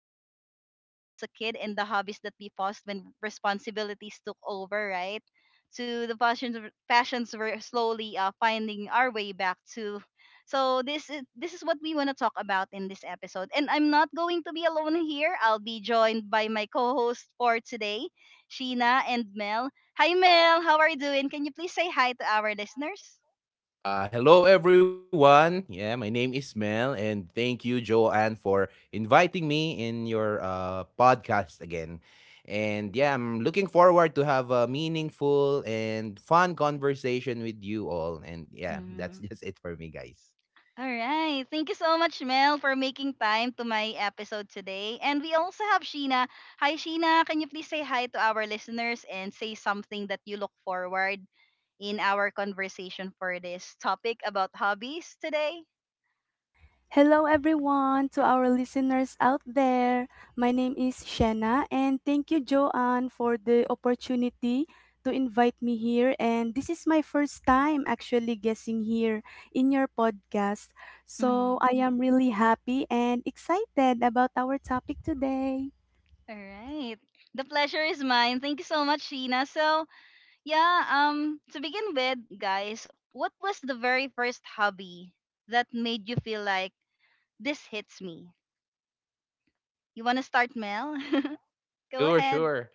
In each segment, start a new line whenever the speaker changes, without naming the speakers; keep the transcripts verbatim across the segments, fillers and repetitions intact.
the games that we played as a kid and the hobbies that we paused when responsibilities took over, right? To the passions, passions were slowly uh, finding our way back to. So this is this is what we want to talk about in this episode. And I'm not going to be alone here. I'll be joined by my co-host for today, Sheena and Mel. Hi Mel, how are you doing? Can you please say hi to our listeners?
Uh, hello, everyone. Yeah, my name is Mel, and thank you, Joanne, for inviting me in your uh, podcast again. And yeah, I'm looking forward to have a meaningful and fun conversation with you all. And yeah, that's just it for me, guys.
All right. Thank you so much, Mel, for making time to my episode today. And we also have Sheena. Hi, Sheena. Can you please say hi to our listeners and say something that you look forward in our conversation for this topic about hobbies today?
Hello, everyone, to our listeners out there. My name is Shanna, and thank you, Joanne, for the opportunity to invite me here. And this is my first time actually guessing here in your podcast. So
Mhm.
I am really happy and excited about our topic today.
All right. The pleasure is mine. Thank you so much, Sheena. So, yeah, um, to begin with, guys, what was the very first hobby that made you feel like, this hits me? You want to start, Mel? Go
Sure,
ahead.
sure.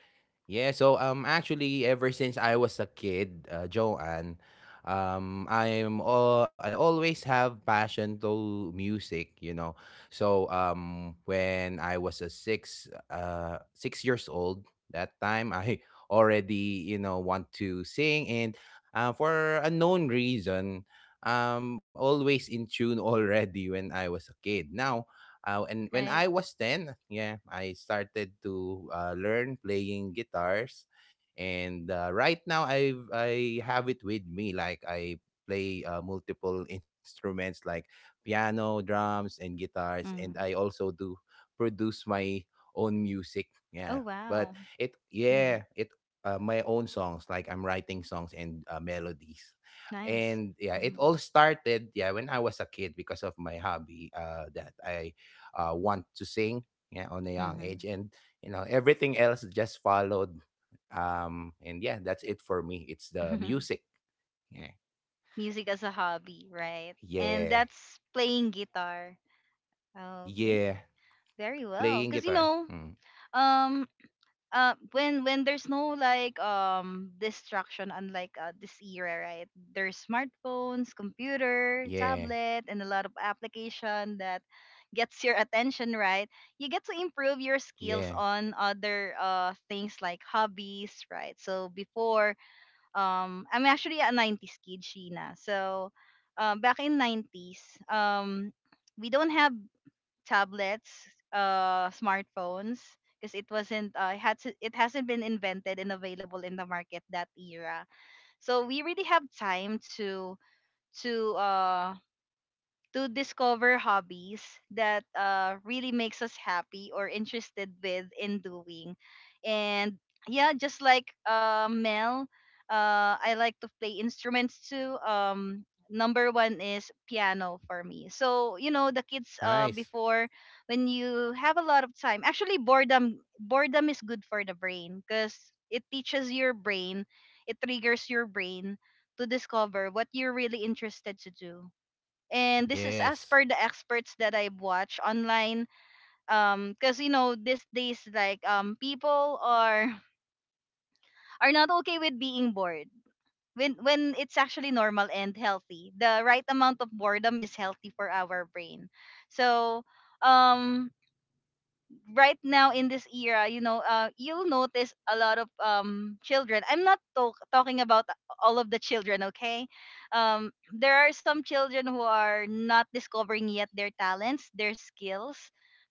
Yeah, so um actually, ever since I was a kid, uh, Joanne, um I'm all I always have passion to music, you know. So um when I was a 6 uh 6 years old, that time I already, you know, want to sing. And uh, for a known reason, um always in tune already when I was a kid. Now. Uh, and when I
Right?
was ten, yeah, I started to uh, learn playing guitars. And uh, right now, i i have it with me, like i play uh, multiple instruments like piano, drums, and guitars. And I
Mm.
also do produce my own music.
Oh
Yeah. but
wow,
it
hmm,
yeah it uh, my own songs, like I'm writing songs and uh, melodies.
nice.
And yeah, it
Hmm.
all started, yeah, when I was a kid because of my hobby uh, that I uh, want to sing, yeah, on a young
Mm-hmm.
age. And you know everything else just followed um, And yeah, that's it for me. It's the music. Yeah.
Music as a hobby, right? And
Yeah.
that's playing guitar. Okay,
Yeah.
very well.
Playing
Cause you
guitar.
know,
Mm.
um, uh, when when there's no like um distraction, unlike uh, this era, right? There's smartphones,
Yeah.
computer, tablet, and a lot of application that gets your attention, right? You get to improve your
Yeah.
skills on other uh things like hobbies, right? So before, um I'm actually a nineties kid, Sheena, so uh, back in nineties, um we don't have tablets, uh, smartphones, because it wasn't uh, it had to, it hasn't been invented and available in the market that era. So we really have time to to uh to discover hobbies that uh, really makes us happy or interested with in doing. And yeah, just like uh, Mel, uh, I like to play instruments too. Um, number one is piano for me. So you know, the kids uh,
Nice.
before, when you have a lot of time, actually boredom, boredom is good for the brain, because it teaches your brain, it triggers your brain to discover what you're really interested to do. And this is
Yes.
as per the experts that I've watched online. Um, because you know, these days, like um, people are are not okay with being bored. When when it's actually normal and healthy, the right amount of boredom is healthy for our brain. So, um, right now in this era, you know, uh, you'll notice a lot of um children. I'm not talk- talking about all of the children, okay? Um, there are some children who are not discovering yet their talents, their skills,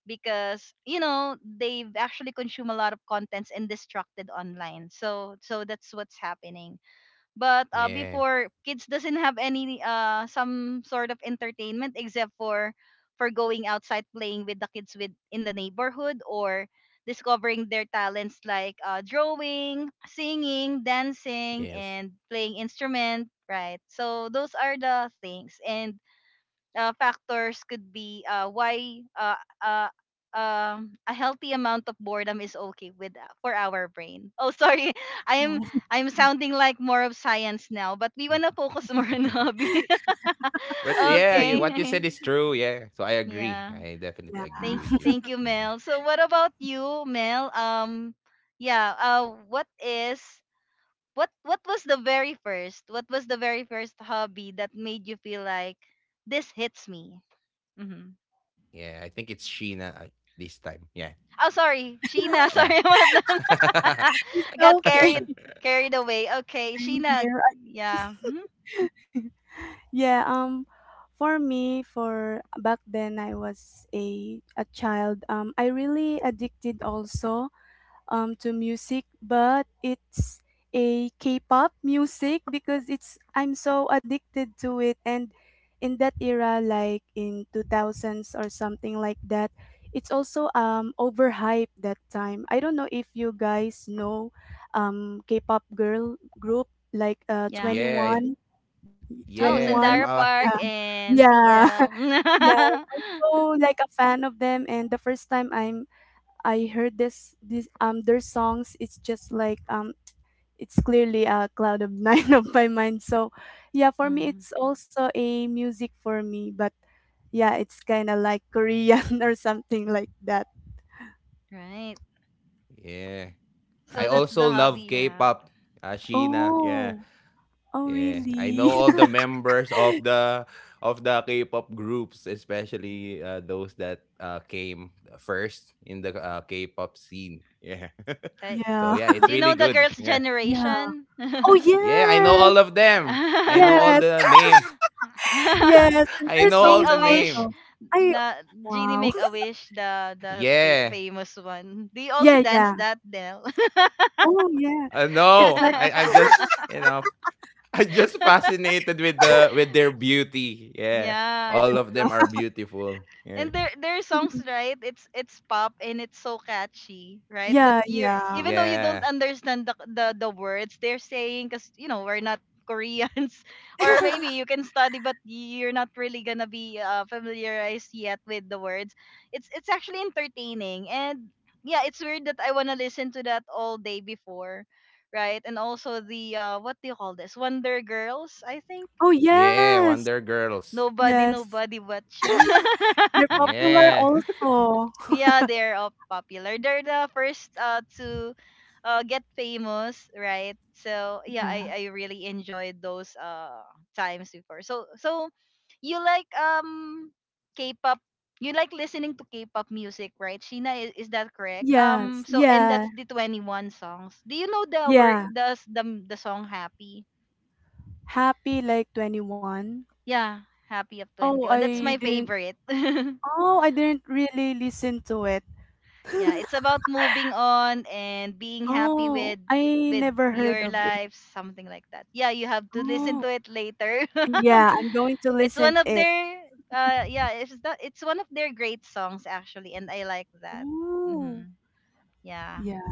because you know they've actually consumed a lot of contents and distracted online. So, so that's what's happening. But uh,
Yeah.
before, kids doesn't have any uh some sort of entertainment except for for going outside, playing with the kids with in the neighborhood, or discovering their talents, like uh, drawing, singing, dancing,
Yes.
and playing instrument. Right. So those are the things and uh, factors could be uh, why uh, uh, um, a healthy amount of boredom is okay with uh, for our brain. Oh, sorry, I am
Oh,
I am sounding like more of science now, but we wanna focus more on hobby.
But yeah, you, what you
Okay.
said is true. Yeah. So I agree.
Yeah.
I
yeah,
definitely agree
Thank
with you.
thank you,
Mm.
Mel. So what about you, Mel? Um, yeah. Uh, what is what what was the very first? What was the very first hobby that made you feel like, this hits me? Mm-hmm.
Yeah. I think it's Sheena, uh, this time. Yeah.
Oh, sorry, Sheena. Sorry
Yeah.
about that. I
it's
got
okay.
carried carried away. Okay,
I'm
Sheena.
here.
Yeah. Hmm.
Yeah, um for me, for back then, I was a a child. Um I really addicted also um to music, but it's a k-pop music because it's I'm so addicted to it. And in that era, like in two thousands or something like that, it's also um overhyped that time. I don't know if you guys know um k-pop girl group like uh
Yeah.
Twenty
Yeah.
One Twenty
Oh,
One.
Yeah.
Sandara
I'm
Yeah,
uh
Park and
yeah.
C L.
Yeah, so like a fan of them. And the first time i'm I heard this this um their songs, it's just like, um it's clearly a cloud of nine of my mind. So yeah, for me
Mm,
it's also a music for me, but yeah, it's kind of like Korean or something like that.
right.
yeah.
So
I
that's the
also
hobby
love
you have.
K-pop. Uh, Sheena. Yeah.
Oh, oh
Yeah, I know
really?
all the members of the of the K-pop groups, especially uh, those that uh, came first in the uh, K-pop scene. Yeah.
Like,
So
Yeah,
yeah, it's
do you
really
know the
good.
girls'
Yeah.
yeah.
generation?
Oh
Yeah, I know
yes,
all of them. I know all
yes,
the name.
yes. And their
I know
songs
Make
all the
a wish.
also.
name.
I
Na genie
wow.
make a wish. The the fa-
Yeah.
famous one. Do you also
Yeah,
dance
yeah.
that, Del?
Oh yeah.
Uh,
It's
no,
like
I I'm just you know I'm just fascinated with the with their beauty. Yeah,
Yeah.
all of them
yeah,
are beautiful. Yeah.
And their their songs, right? It's it's pop and it's so catchy, right? That
yeah,
you are,
yeah.
even though you don't
Yeah.
understand the the, the words they're saying, cuz you know, we're not Koreans, or maybe you can study, but you're not really going to be uh, familiarized yet with the words. It's it's actually entertaining, and yeah, it's weird that I want to listen to that all day before, right? And also the uh what do you call this? Wonder Girls, I think.
Oh
Yeah,
yes,
Wonder Girls.
Nobody
yes.
nobody but you.
They're popular
Yeah.
also.
Yeah, they're all popular. They're the first uh to uh get famous, right? So yeah, I
Yeah.
I really enjoyed those uh times before. So so you like um K-pop. You like listening to K-pop music, right? Sheena, is, is that correct? Um,
Yes.
so and
Yeah.
that's the twenty-one songs. Do you know the word,
Yeah.
the the, the song Happy?
Happy like twenty one.
Yeah, Happy of
Oh,
twenty-one. That's
I
my
didn't
favorite.
Oh, I didn't really listen to it.
Yeah, it's about moving on and being happy
Oh,
with
I
with
never heard
your
of it.
life, something like that. Yeah, you have to listen
Oh.
to it later.
Yeah, I'm going to
It's
listen
one of
it.
their uh yeah it's that it's one of their great songs, actually, and I like that.
Oh.
Hmm. Yeah.
Yeah.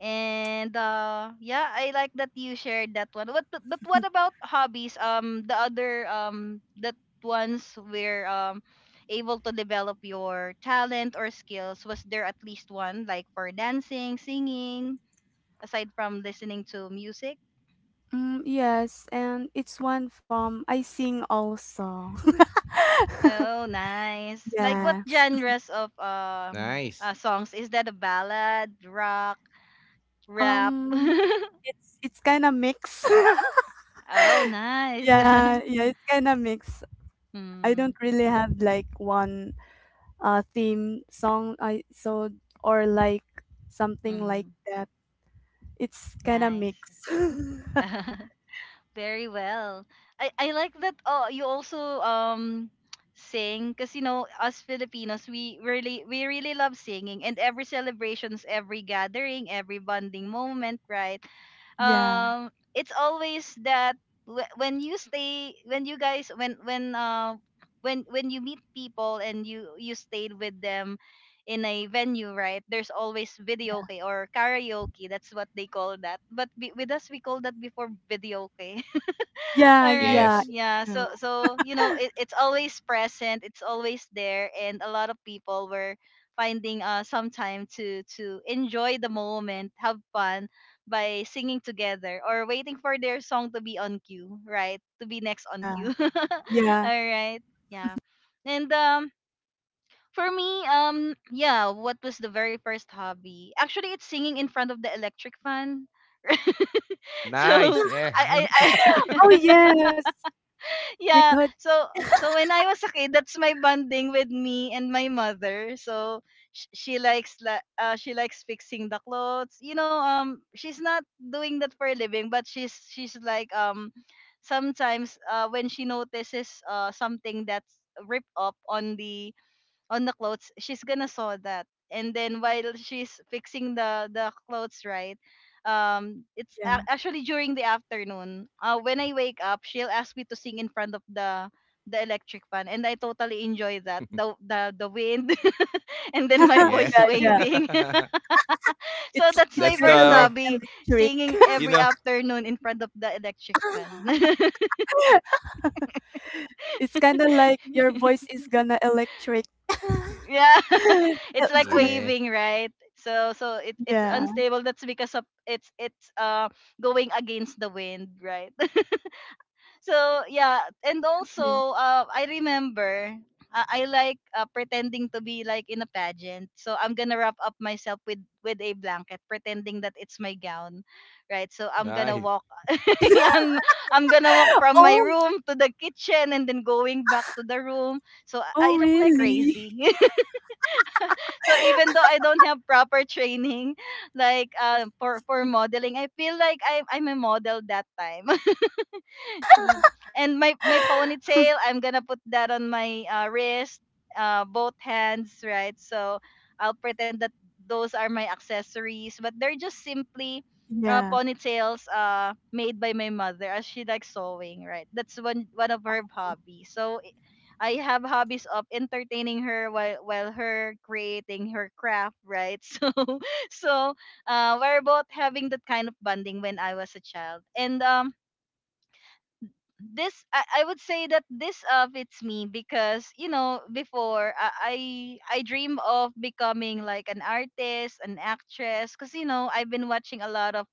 And uh yeah, I like that you shared that one. What, but but what about hobbies? Um the other um that ones were um able to develop your talent or skills. Was there at least one, like for dancing, singing, aside from listening to music?
Mm, yes, and it's one from I sing also.
Oh, nice. Like what
Yeah.
genres of um uh,
Nice.
songs? Is that a ballad, rock, rap?
Um it's it's kind of mix.
Oh, nice.
Yeah, yeah, it's kind of mixed. I
Mm,
don't really have like one uh theme song I so or like something like
mm,
that. It's kind of
nice.
mixed.
Very well. I, I like that uh, you also um sing, because you know, us Filipinos, we really we really love singing, and every celebrations, every gathering, every bonding moment, right?
Yeah.
Um, it's always that wh- when you stay when you guys when when uh when when you meet people and you you stayed with them in a venue, right? There's always videoke or karaoke, that's what they call that, but be, with us, we call that before videoke.
Yeah,
All right.
yeah, it's
Yes.
Yeah. So
true.
so you know it, it's always present. It's always there, and a lot of people were finding uh some time to to enjoy the moment, have fun by singing together, or waiting for their song to be on cue, right? To be next on
Yeah.
cue.
Yeah.
All right. Yeah. And um for me, um yeah, what was the very first hobby? Actually, it's singing in front of the electric fan. So
Nice.
I
Yeah.
I,
Oh
I
yes,
yeah.
because
So so when I was a kid, that's my bonding with me and my mother. So sh- she likes la- uh, she likes fixing the clothes. You know, um she's not doing that for a living, but she's she's like um sometimes uh when she notices uh something that's ripped up on the on the clothes, she's gonna sew that. And then while she's fixing the the clothes, right? Um, it's a-
yeah.
actually during the afternoon. Uh, when I wake up, she'll ask me to sing in front of the the electric fan, and I totally enjoy that. The the the wind, and then my voice
Yeah.
Yeah, yeah.
waving. So
It's
that's
it's
my
That's
kind
first
of like
the,
hobby,
electric.
singing
you
every
know.
afternoon in front of the electric fan.
It's kind of like your voice is gonna electric.
Yeah, it's like
Yeah.
waving, right? So so
Yeah.
it, it's unstable. That's because of it's it's uh going against the wind, right? So yeah, and
Yeah.
also uh, I remember uh, I like uh, pretending to be like in a pageant. So I'm gonna wrap up myself with with a blanket, pretending that it's my gown, right? So I'm gonna
Nice.
walk. I'm I'm gonna walk from my
Oh,
room to the kitchen and then going back to the room. So I
oh
I look like
really?
crazy. So even though I don't have proper training, like uh, for for modeling, I feel like I'm I'm a model that time. Mm. And my my ponytail, I'm gonna put that on my uh, wrist, uh, both hands, right? So I'll pretend that those are my accessories, but they're just simply
Yeah.
uh, ponytails uh, made by my mother, as she likes sewing, right? That's one one of her hobbies. So i- I have hobbies of entertaining her while while her creating her craft, right? So so uh, we're both having that kind of bonding when I was a child, and um this I, I would say that this uh fits me because you know before I I, I dream of becoming like an artist, an actress because you know I've been watching a lot of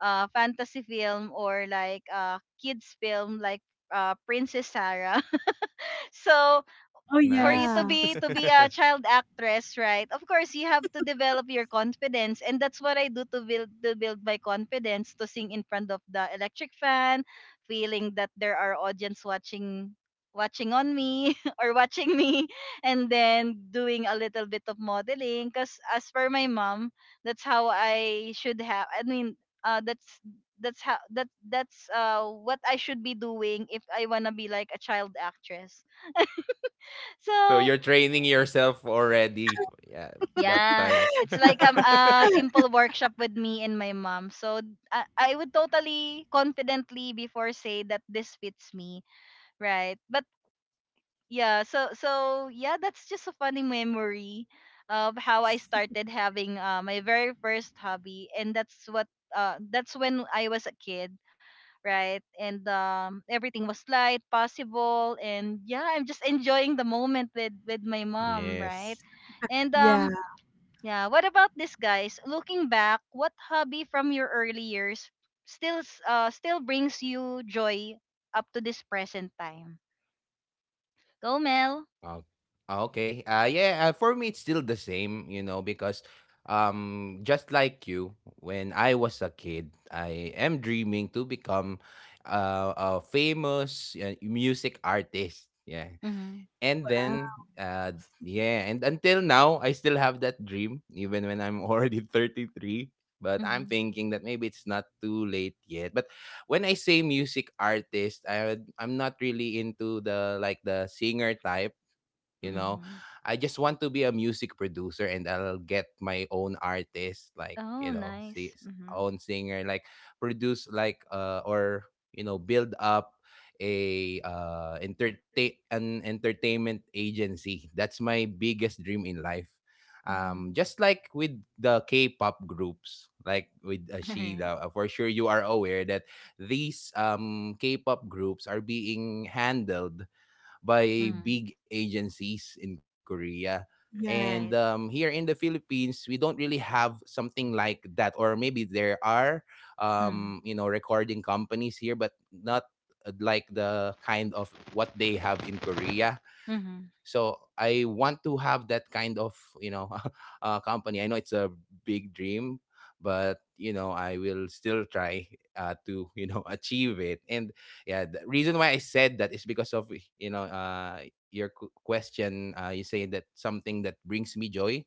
uh fantasy film or like uh kids film like uh Princess Sarah. So
Oh,
for you
Nice.
to
yeah.
be to be a child actress, right? Of course, you have to develop your confidence, and that's what I do to build to build my confidence to sing in front of the electric fan, feeling that there are audience watching watching on me or watching me, and then doing a little bit of modeling because as per my mom, that's how i should have i mean uh that's that's how that that's uh what I should be doing if I want to be like a child actress.
So
So
you're training yourself already. Yeah. That
yeah,
time.
it's like um, a simple workshop with me and my mom. So I, I would totally confidently before say that this fits me, right? But yeah, so so yeah, that's just a funny memory of how I started having uh, my very first hobby, and that's what uh that's when I was a kid, right? And um everything was light, possible, and yeah, I'm just enjoying the moment with with my mom, right?
Yes.
And um
Yeah.
yeah. What about this, guys? Looking back, what hobby from your early years still s- uh still brings you joy up to this present time? Go, Mel.
Oh, okay. Uh, yeah, uh, for me, it's still the same, you know, because um, just like you, when I was a kid, I am dreaming to become uh, a famous uh, music artist. Yeah.
Mhm.
And
Wow.
then, uh, yeah, and until now, I still have that dream, even when I'm already thirty-three. But I'm
Mhm.
thinking that maybe it's not too late yet. But when I say music artist, I, I'm not really into, the like, the singer type you know
Mhm.
i just want to be a music producer, and I'll get my own artist, like, you
Oh,
know see
nice. Mhm.
own singer, like produce, like uh or you know build up a uh entertain an entertainment agency. That's my biggest dream in life. Um
Mhm.
just like with the K-pop groups, like with
All right.
Ashida, uh, for sure you are aware that these um K-pop groups are being handled by
Mhm.
big agencies in Korea. And
Yeah.
um,
Right.
here in the Philippines, we don't really have something like that, or maybe there are,
Mhm.
um, you know, recording companies here, but not uh, like the kind of what they have in Korea.
Mhm.
So I want to have that kind of, you know uh, company. I know it's a big dream, but you know I will still try, uh, to you know achieve it. And yeah, the reason why I said that is because of, you know uh, your q- question. Uh, you say that something that brings me joy.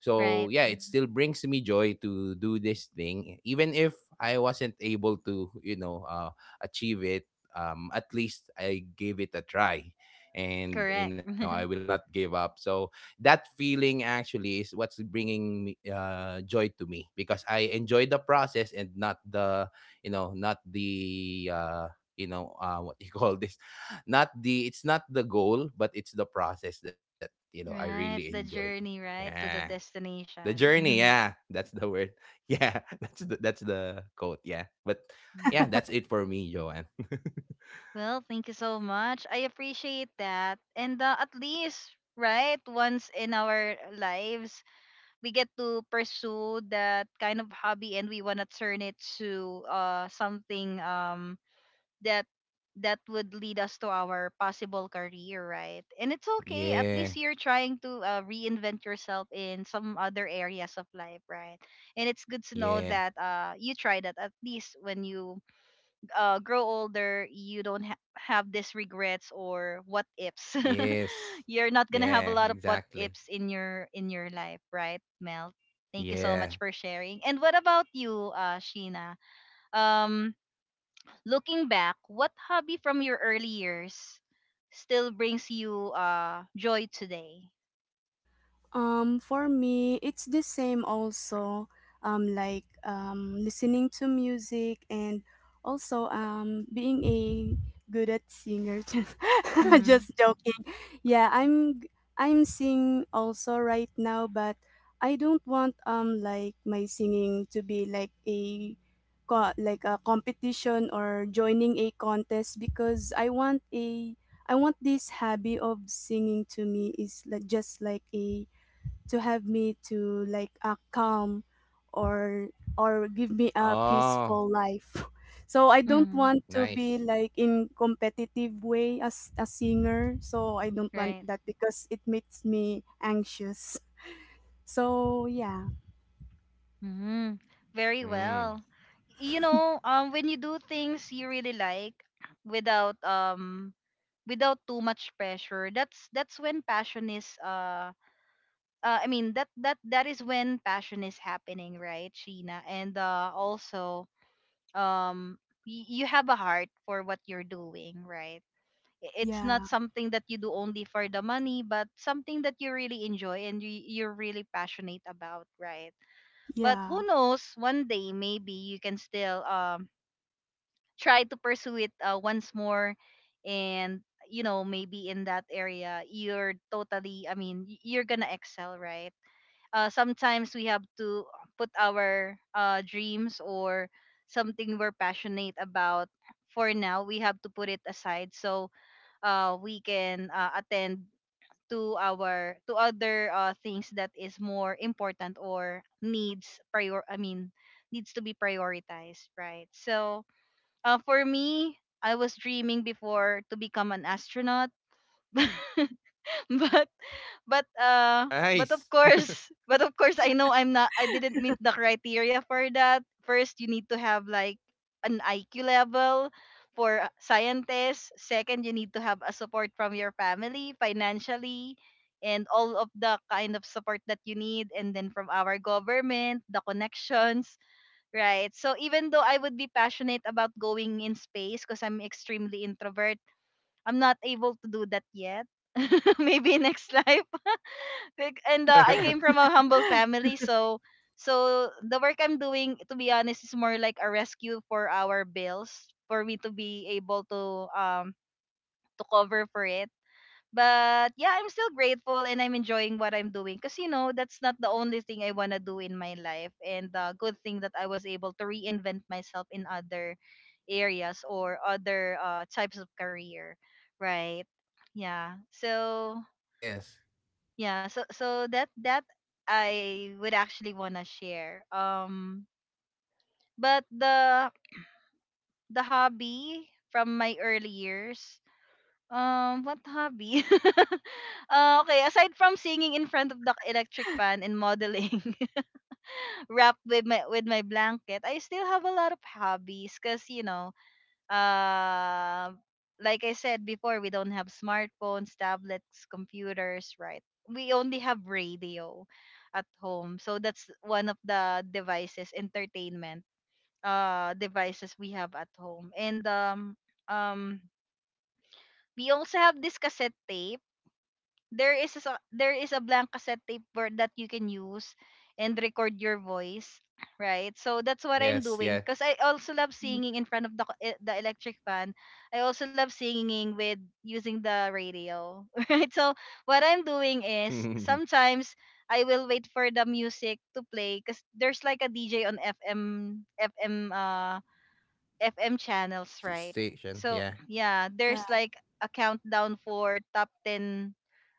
So
Right.
yeah, it still brings me joy to do this thing, even if I wasn't able to, you know uh, achieve it. Um, at least I gave it a try, and you
Correct.
know I will not give up. So that feeling actually is what's bringing me, uh, joy to me, because I enjoy the process and not the you know not the, uh, you know uh, what you call this, not the, it's not the goal, but it's the process that you know I really
Right.
enjoy.
The journey, right,
Yeah,
to the
the
destination.
journey.
Mhm.
Yeah, that's the word. Yeah, that's the, that's the quote. Yeah, but yeah,
Mhm.
that's it for me, Joanne.
Well, thank you so much. I appreciate that. And uh, at least, right, once in our lives, we get to pursue that kind of hobby and we want to turn it to uh something um that that would lead us to our possible career, right? And it's okay. At
Yeah.
least you're trying to uh, reinvent yourself in some other areas of life, right? And it's good to know
Yeah.
that uh you tried that at least when you uh, grow older, you don't ha- have these regrets or what ifs.
Yes.
You're not gonna have a
Yeah,
lot of what ifs
exactly.
in your in your life, right, Mel? Thank you so much
Yeah.
for sharing. And what about you, uh, Sheena? Um, looking back, what hobby from your early years still brings you uh joy today?
Um, for me, it's the same also. Um, like um, listening to music, and also um being a good at singer. Just,
Mm-hmm.
just joking. Yeah, I'm I'm sing also right now, but I don't want um like my singing to be like a co- like a competition or joining a contest, because I want a I want this hobby of singing to me is like just like a to have me to like, uh, calm or or give me a peaceful
Oh,
life. So I don't
Mm-hmm.
want to be
nice.
like in competitive way as a singer, so I don't want
Right.
that because it makes me anxious. So yeah.
Mm-hmm. Very well.
Mm.
You know, um, when you do things you really like, without um without too much pressure, that's that's when passion is uh, uh i mean that that that is when passion is happening, right, Sheena? And uh also, um y- you have a heart for what you're doing, right? I- it's not
Yeah.
something that you do only for the money, but something that you really enjoy and you, you're really passionate about, right? But
Yeah.
who knows, one day maybe you can still um try to pursue it uh, once more, and you know maybe in that area you're totally i mean y- you're gonna excel, right? uh, sometimes we have to put our uh, dreams or something we're passionate about for now. We have to put it aside so uh, we can uh, attend to our to other uh, things that is more important or needs prior i mean needs to be prioritized, right? So uh, for me, I was dreaming before to become an astronaut, but but uh but of
Nice.
course, but of course, I know I'm not. I didn't meet the criteria for that. First, you need to have like an I Q level for uh, scientists. Second, you need to have a support from your family financially and all of the kind of support that you need, and then from our government, the connections. Right. So even though I would be passionate about going in space, because I'm extremely introvert, I'm not able to do that yet. Maybe next life. Like. And uh, I came from a humble family, so so the work I'm doing, to be honest, is more like a rescue for our bills for me to be able to um to cover for it. But yeah, I'm still grateful and I'm enjoying what I'm doing because you know that's not the only thing I wanna do in my life. And the good thing that I was able to reinvent myself in other areas or other uh, types of career, right? Yeah. So
Yes.
yeah, so so that that I would actually wanna share. Um, but the the hobby from my early years. Um, what hobby? Uh, okay, aside from singing in front of the electric fan and modeling, wrap with my with my blanket, I still have a lot of hobbies because you know, uh, like I said before, we don't have smartphones, tablets, computers, right? We only have radio at home, so that's one of the devices, entertainment uh devices we have at home, and um um we also have this cassette tape. there is a, s- there is a blank cassette tape where, that you can use and record your voice, right? So that's what I'm
Yes,
doing,
yeah.
because I also love singing in front of the co- e- the electric fan. I also love singing with using the radio. Right? So what I'm doing
St-
is, sometimes I will wait for the music to play because there's like a DJ on fm fm uh FM channels, right?
Station,
So
yeah.
yeah,
Yeah
there's like a countdown for top ten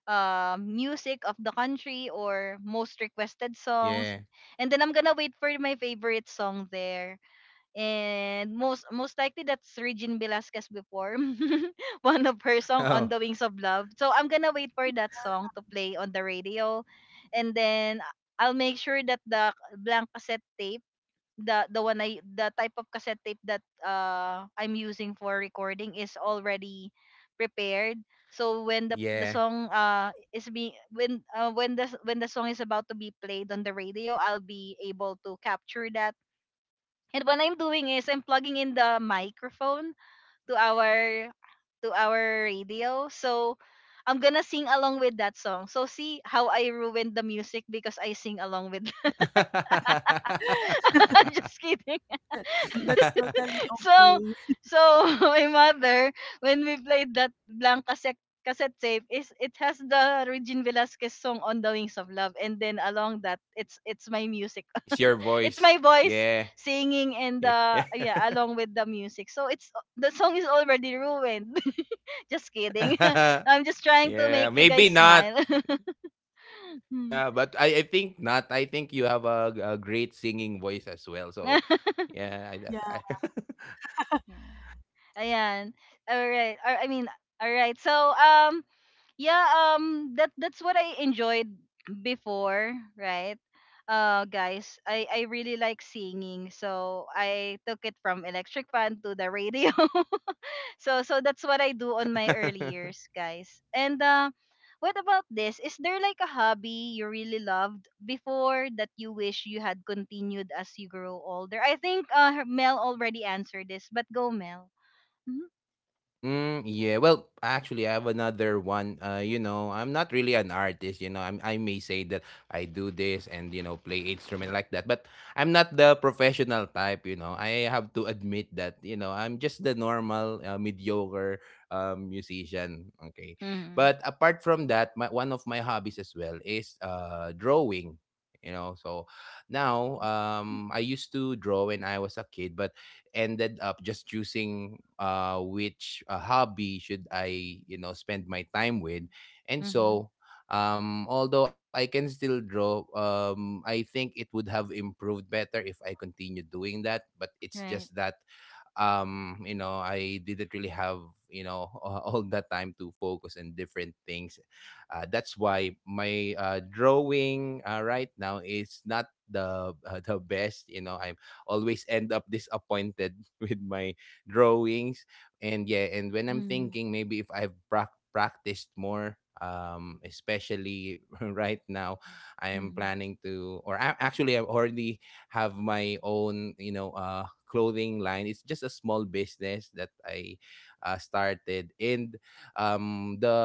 uh, music of the country or most requested
Yeah.
songs. And then I'm gonna wait for my favorite song there. And most most likely that's Regine Velasquez before. One of her song, "On the
Oh,
Wings of Love." So I'm gonna wait for that song to play on the radio, and then I'll make sure that the blank cassette tape, the the one I the type of cassette tape that uh I'm using for recording is already prepared. So when the the
yeah.
song uh is being when uh, when the s- when the song is about to be played on the radio, I'll be able to capture that. And what I'm doing is I'm plugging in the microphone to our to our radio. So I'm gonna sing along with that song. So see how I ruined the music, because I sing along with. Just kidding.
that, that's totally
So,
okay.
so my mother, when we played that blank cassette, cassette tape, is it has the Regine Velasquez song "On the Wings of Love," and then along that, it's it's my music,
It's your
it's
voice.
my voice
Yeah.
singing, and
Yeah.
uh, yeah, along with the music. So it's the song is already ruined. Just kidding.
Yeah.
I'm just trying to
Yeah,
make you guys
maybe not.
smile.
Yeah,
Hmm.
but I, I think not. I think you have a a great singing voice as well. So,
Yeah.
yeah,
Yeah.
I, I
Ayan. All right. Or I mean, all right. So um
okay.
yeah, um that that's what I enjoyed before, right? Uh, guys, i i really like singing, so I took it from electric fan to the radio. So so that's what I do on my early years, guys. And uh, what about this, is there like a hobby you really loved before that you wish you had continued as you grow older? I think uh Mel already answered this, but go, Mel. Mm-hmm.
Mm, yeah. Well, actually, I have another one. Uh, you know, I'm not really an artist. You know, I'm, I may say that I do this and you know play instrument like that, but I'm not the professional type. You know, I have to admit that. You know, I'm just the normal uh, mediocre, um, musician. Okay, but apart from that, my, one of my hobbies as well is uh drawing. You know, so now, um, I used to draw when I was a kid, but ended up just choosing uh, which uh, hobby should I, you know, spend my time with. And
Hmm.
so, um, although I can still draw, um, I think it would have improved better if I continued doing that. But it's just
Right.
that um you know I didn't really have you know all that time to focus on different things. Uh, that's why my uh, drawing, uh, right now is not the uh, the best. you know I always end up disappointed with my drawings. And yeah, and when I'm
Mm-hmm.
thinking, maybe if I've prac- practiced more, um especially right now, I am planning to, or I, actually, I've already have my own, you know, uh, clothing line. It's just a small business that I uh, started, and um, the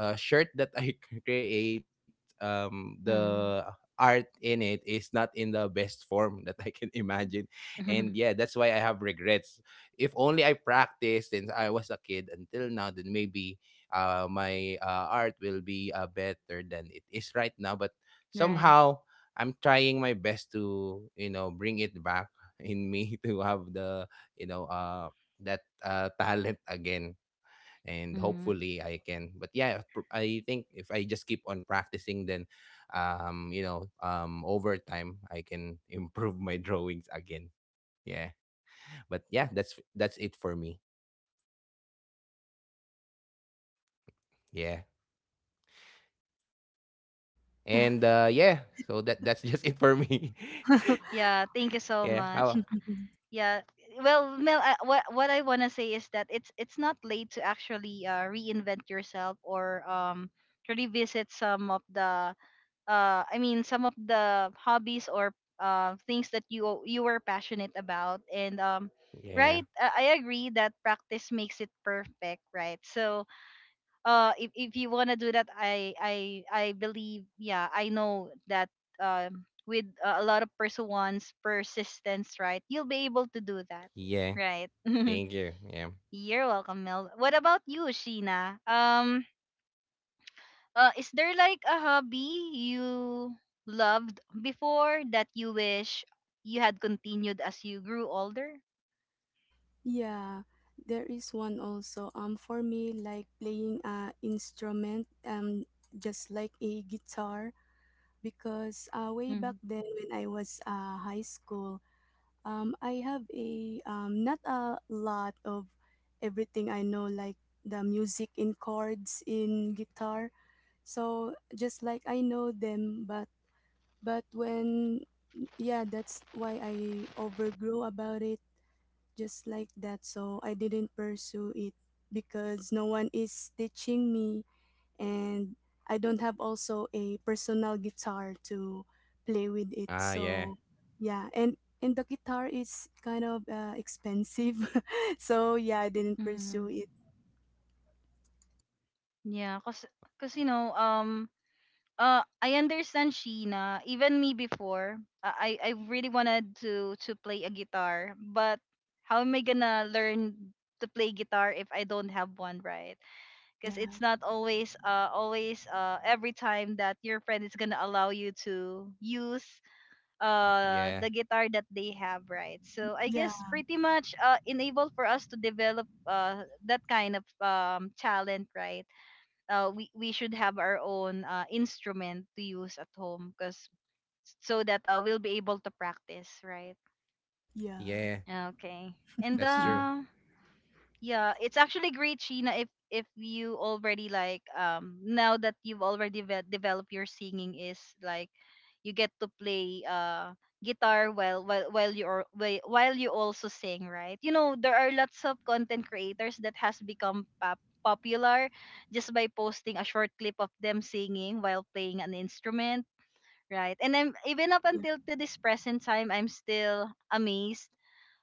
uh, shirt that I create, um, the
Hmm.
art in it is not in the best form that I can imagine, and yeah, that's why I have regrets. If only I practiced since I was a kid until now, then maybe uh, my uh, art will be uh, better than it is right now. But
Right.
somehow, I'm trying my best to you know bring it back in me to have the, you know uh that uh talent again. And
Mm.
hopefully I can, but yeah, pr- I think if I just keep on practicing, then um you know um over time, I can improve my drawings again. Yeah, but yeah, that's that's it for me. Yeah. And uh yeah, so that that's just it for me.
Yeah, thank you
Yeah.
so
how
much. Yeah. Well, Mel, uh, what what I want to say is that it's it's not late to actually uh, reinvent yourself or um to revisit some of the uh I mean some of the hobbies or uh things that you you were passionate about, and um right?
Yeah.
Uh, I agree that practice makes it perfect, right? So uh if, if you want to do that, i i i believe, yeah, I know that um with uh, a lot of perseverance, persistence, right, you'll be able to do that,
Yeah,
right?
thank you. Yeah.
You're welcome, Mel. What about you, Sheena? um uh, is there like a hobby you loved before that you wish you had continued as you grew older?
Yeah, there is one also, um for me, like playing a instrument, um just like a guitar. Because uh, way back
Mm-hmm.
then when I was uh, high school, um, I have a um, not a lot of everything I know, like the music in chords in guitar. So just like I know them, but but when yeah, that's why I overgrew about it just like that. So I didn't pursue it because no one is teaching me, and I don't have also a personal guitar to play with it.
Ah, yeah.
So yeah, and and the guitar is kind of uh, expensive, so yeah, I didn't
Mm-hmm.
pursue it.
Yeah, because you know um uh I understand, Sheena. Even me before, uh, I I really wanted to to play a guitar, but how am I gonna learn to play guitar if I don't have one, right? Because it's
Yeah,
not always uh always uh every time that your friend is gonna allow you to use uh
Yeah.
the guitar that they have, right? So I guess
yeah,
pretty much uh enabled for us to develop uh that kind of um talent, right? uh, we we should have our own uh, instrument to use at home, because so that uh, we'll be able to practice, right?
yeah.
Yeah.
Okay. and
That's true.
Mm.
uh yeah, it's actually great, Sheena, if if you already like, um now that you've already ve- developed your singing is like you get to play uh guitar while while while you are while while you also sing, right? You know, there are lots of content creators that has become pop- popular just by posting a short clip of them singing while playing an instrument, right? And I'm even up until
Yeah,
to this present time, I'm still amazed,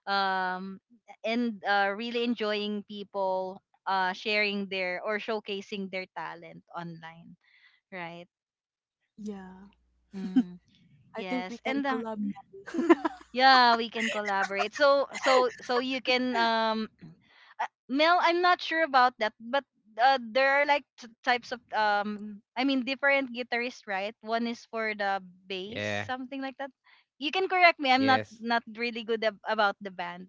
um, and uh, really enjoying people uh, sharing their or showcasing their talent online, right?
yeah.
Mm,
I
yes,
think we
and
can
uh,
collab.
yeah, we can collaborate. So so so you can, um, uh, Mel, I'm not sure about that, but uh, there are like t- types of, um, I mean, different guitarists, right? One is for the bass,
Yeah.
something like that. You can correct me. I'm not
Yes.
not really good ab- about the band,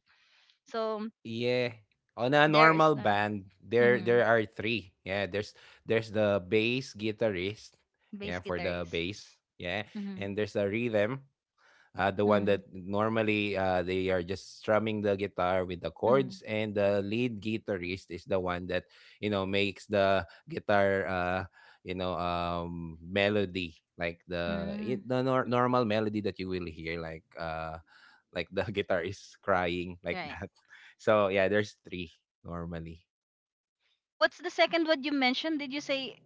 so
Yeah. On a
there is
normal
no.
band, there
Mm-hmm.
there are three. Yeah, there's there's the bass guitarist.
Bass
Yeah, for the
guitarist.
bass. Yeah.
Mm-hmm.
And there's a rhythm, uh, the one
Mm-hmm.
that normally, uh, they are just strumming the guitar with the
Mm-hmm.
chords. And the lead guitarist is the one that you know makes the guitar, uh, you know um, melody, like the, y-
Mm.
the nor- normal melody that you will hear, like, uh, like the guitar is crying, like
Right.
that. So yeah, there's three, normally.
What's the second one you mentioned? Did you say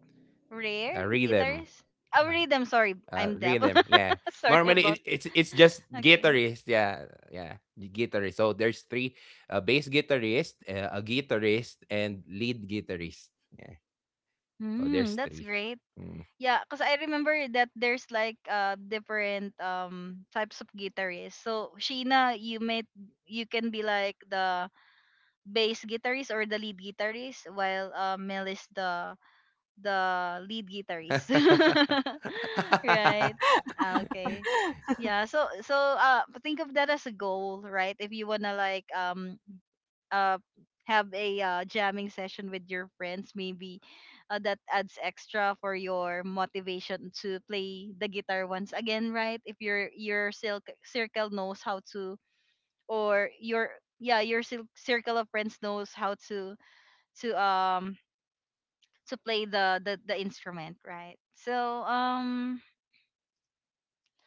rare
uh, Rhythm.
guitarist?
Uh,
Oh, rhythm.
uh,
Sorry,
Rhythm.
I'm deaf.
Yeah. Normally, it,
Sorry
it's
about.
it's just
Okay.
guitarist. Yeah. Yeah. Guitarist. So there's three: a bass guitarist, uh, a guitarist, and lead guitarist. Yeah. So there's
Hmm. That's
three.
great.
Mm.
Yeah, cause I remember that there's like uh different um types of guitarists. So Sheena, you may you can be like the bass guitarist or the lead guitarist, while uh, Mel is the the lead guitarist. Right? Ah, okay. Yeah, so so uh think of that as a goal, right? If you wanna like, um uh have a uh, jamming session with your friends, maybe uh, that adds extra for your motivation to play the guitar once again, right? If your your cil- circle knows how to, or your, yeah, your cir- circle of friends knows how to to um to play the the, the instrument, right? So um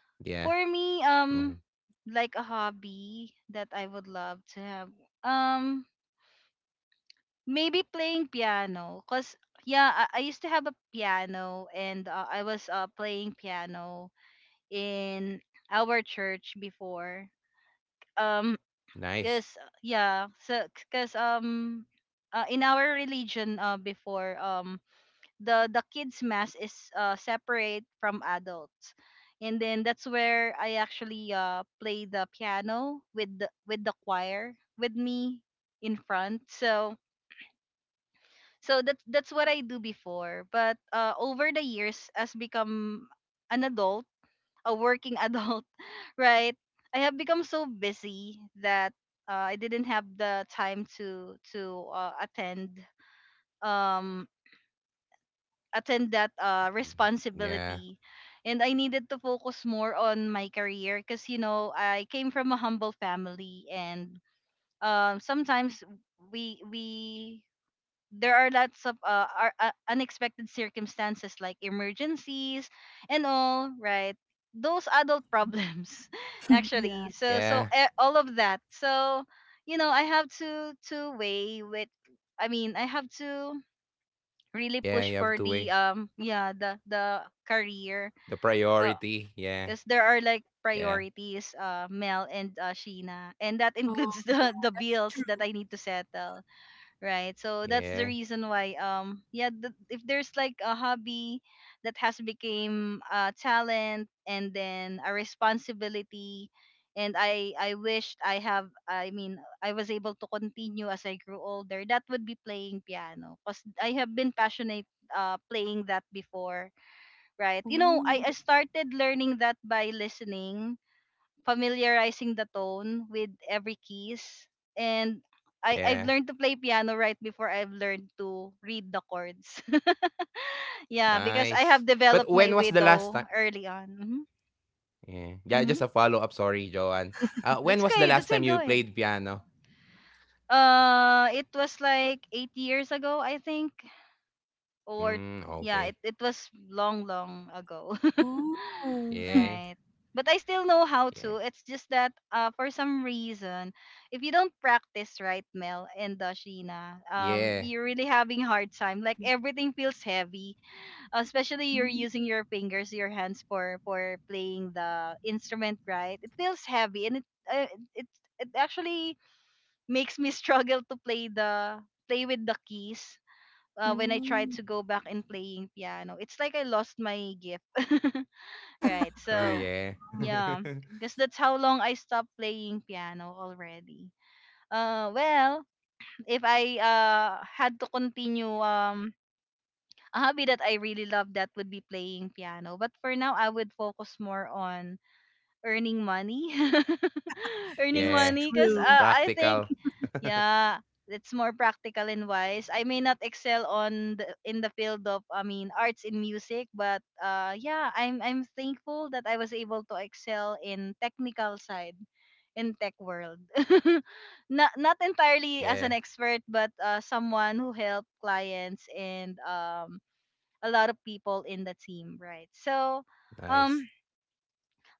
Yeah.
for me,
Hmm.
um like a hobby that I would love to have, um maybe playing piano, because, yeah, I, I used to have a piano, and uh, I was uh, playing piano in our church before. um
Nice.
because, yeah, so, because, um uh, in our religion, uh, before, um the the kids mass is uh, separate from adults, and then that's where I actually uh, play the piano, with the with the choir with me in front. So so that's that's what I do before. But uh, over the years, as become an adult, a working adult, right? I have become so busy that uh, I didn't have the time to to uh, attend, um attend that uh,
Yeah.
responsibility, and I needed to focus more on my career, because you know I came from a humble family, and, um, sometimes, we we there are lots of uh, are, uh, unexpected circumstances like emergencies and all, right? Those adult problems actually,
Yeah.
so so
Yeah.
eh, all of that. So, you know, I have to to weigh with, I mean, I have to really
Yeah.
push
You have
for
to
the,
weigh
um yeah, the the
the
career,
priority.
uh
Yeah.
because there are like
Yeah.
priorities, uh Mel, and uh Sheena, and that includes
Oh,
the
yeah,
the
that's
bills
true.
that I need to settle, right? So that's
Yeah.
the reason why, um yeah, th- if there's like a hobby that has became a talent and then a responsibility, and i i wished I have, I mean, I was able to continue as I grew older, that would be playing piano, because I have been passionate uh playing that before, right? You know, i i
Oh,
started learning that by listening, familiarizing the tone with every keys. And I,
Yeah.
I've learned to play piano right before I've learned to read the chords. Yeah, because I
Nice.
have
But
developed
when was
my
the last time?
widow early on. Hmm.
Yeah. Yeah, just a
Hmm.
follow-up, sorry, Joanne. Uh, when was
That's
the
okay.
last
That's
time
okay.
you
Go ahead.
played piano?
Uh, it was like eight years ago, I think. Or,
Mm, okay.
yeah, it, it was long, long ago.
oh,
Yeah.
Right? But I still know how
Yeah.
to. It's just that uh, for some reason, if you don't practice, right, Mel and Dashina, um,
Yeah.
you're really having hard time. Like
yeah.
everything feels heavy, especially you're using
Mm,
your fingers, your hands for for playing the instrument, right? It feels heavy, and it, uh, it, it actually makes me struggle to play the play with the keys. Uh, when I tried to
oh.
go back and playing piano, it's like I lost my gift. Right.
Uh,
So,
yeah.
Oh,
yeah, because that's how long I stopped playing piano already. Uh, well, if I uh had to continue, um a hobby that I really love, that would be playing piano. But for now, I would focus more on earning money, earning
Yeah.
that's
money, because, uh,
true.
I think,
Practical.
yeah, it's more practical and wise. I may not excel on the, in the field of, I mean, arts in music, but uh yeah, I'm I'm thankful that I was able to excel in technical side, in tech world. not not entirely as an
Yeah.
expert, but uh someone who helped clients and, um a lot of people in the team, right? So,
Nice.
um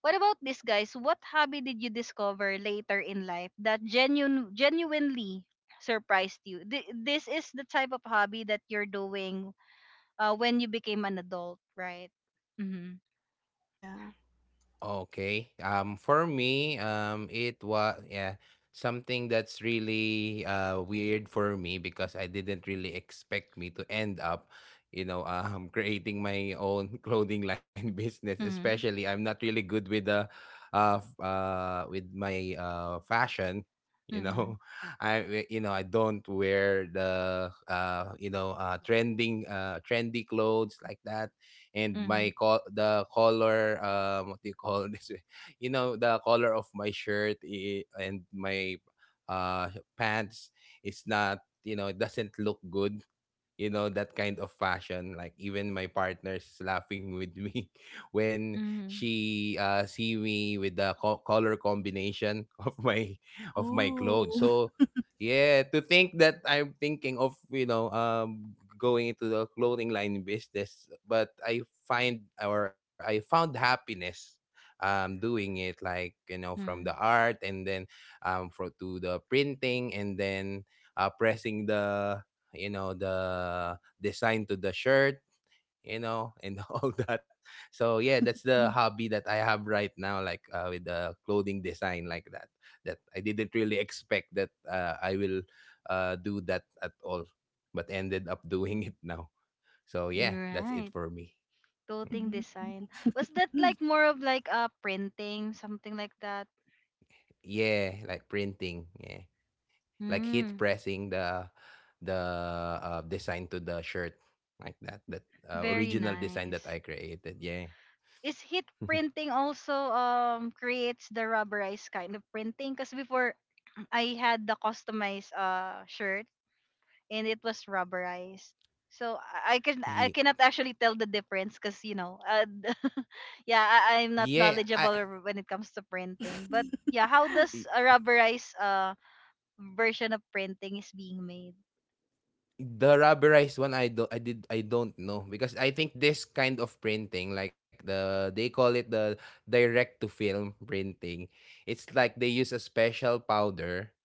what about this, guys? What hobby did you discover later in life that genuine, genuinely surprised you? Th- this is the type of hobby that you're doing uh, when you became an adult, right? Mm-hmm.
Yeah.
Okay. Um, for me, um, it was, yeah, something that's really uh weird for me because I didn't really expect me to end up, you know, um, creating my own clothing line business. Especially,
Mm-hmm.
I'm not really good with the, uh, f- uh, with my uh fashion. You
Mm-hmm.
know, I you know I don't wear the uh you know uh trending uh trendy clothes like that. And
Mm-hmm.
my co- the color, um what do you call this you know, the color of my shirt i- and my uh pants is, not you know it doesn't look good, you know, that kind of fashion. Like even my partner is laughing with me when
Mm-hmm.
she uh see me with the co- color combination of my of my clothes.
Oh.
So yeah, to think that I'm thinking of, you know um going into the clothing line business, but I find or I found happiness um doing it, like, you know, from the
Hmm.
art, and then um for to the printing, and then uh pressing the, you know, the design to the shirt, you know, and all that. So yeah, that's the hobby that I have right now, like, uh, with the clothing design like that, that I didn't really expect that uh, I will uh, do that at all, but ended up doing it now. So yeah, that's
Right.
it for me.
Clothing design.
Mhm.
Was that like more of like uh printing, something like that?
Yeah, like printing, yeah, like heat
Mm.
pressing the the uh, design to the shirt, like that, that uh,
Very
original design that
nice.
I created, yeah.
Is heat printing also, um creates the rubberized kind of printing? Because before I had the customized uh shirt, and it was rubberized. So I I can I
yeah
cannot actually tell the difference, because, you know, uh, yeah, I, I'm not
Yeah,
knowledgeable
I.
r- when it comes to printing, but, yeah, how does a rubberized uh version of printing is being made?
The rubberized one, I don't I did I don't know, because I think this kind of printing, like the they call it the direct to film printing, it's like they use a special powder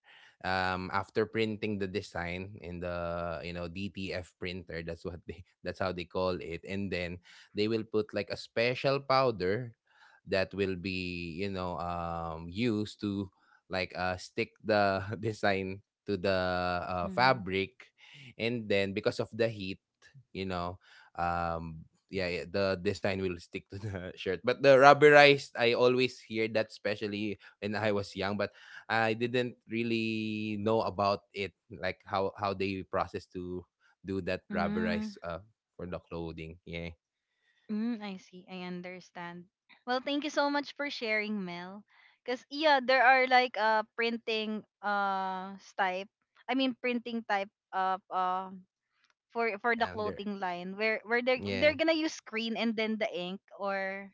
um after printing the design in the, you know, D T F printer. That's what they that's how they call it. And then they will put like a special powder that will be, you know, um used to, like, uh stick the design to the uh,
Mm.
fabric. And then because of the heat, you know, um yeah, yeah, the design will stick to the shirt. But the rubberized, I always hear that, especially when I was young, but I didn't really know about it, like how how they process to do that
Mm.
rubberized uh for the clothing, yeah.
Mm, I see. I understand. Well, thank you so much for sharing, Mel, because, yeah, there are like uh printing uh s- type, I mean, printing type of uh for for the
yeah there
clothing line, where where they are, they're
yeah
gonna use screen and then the ink, or,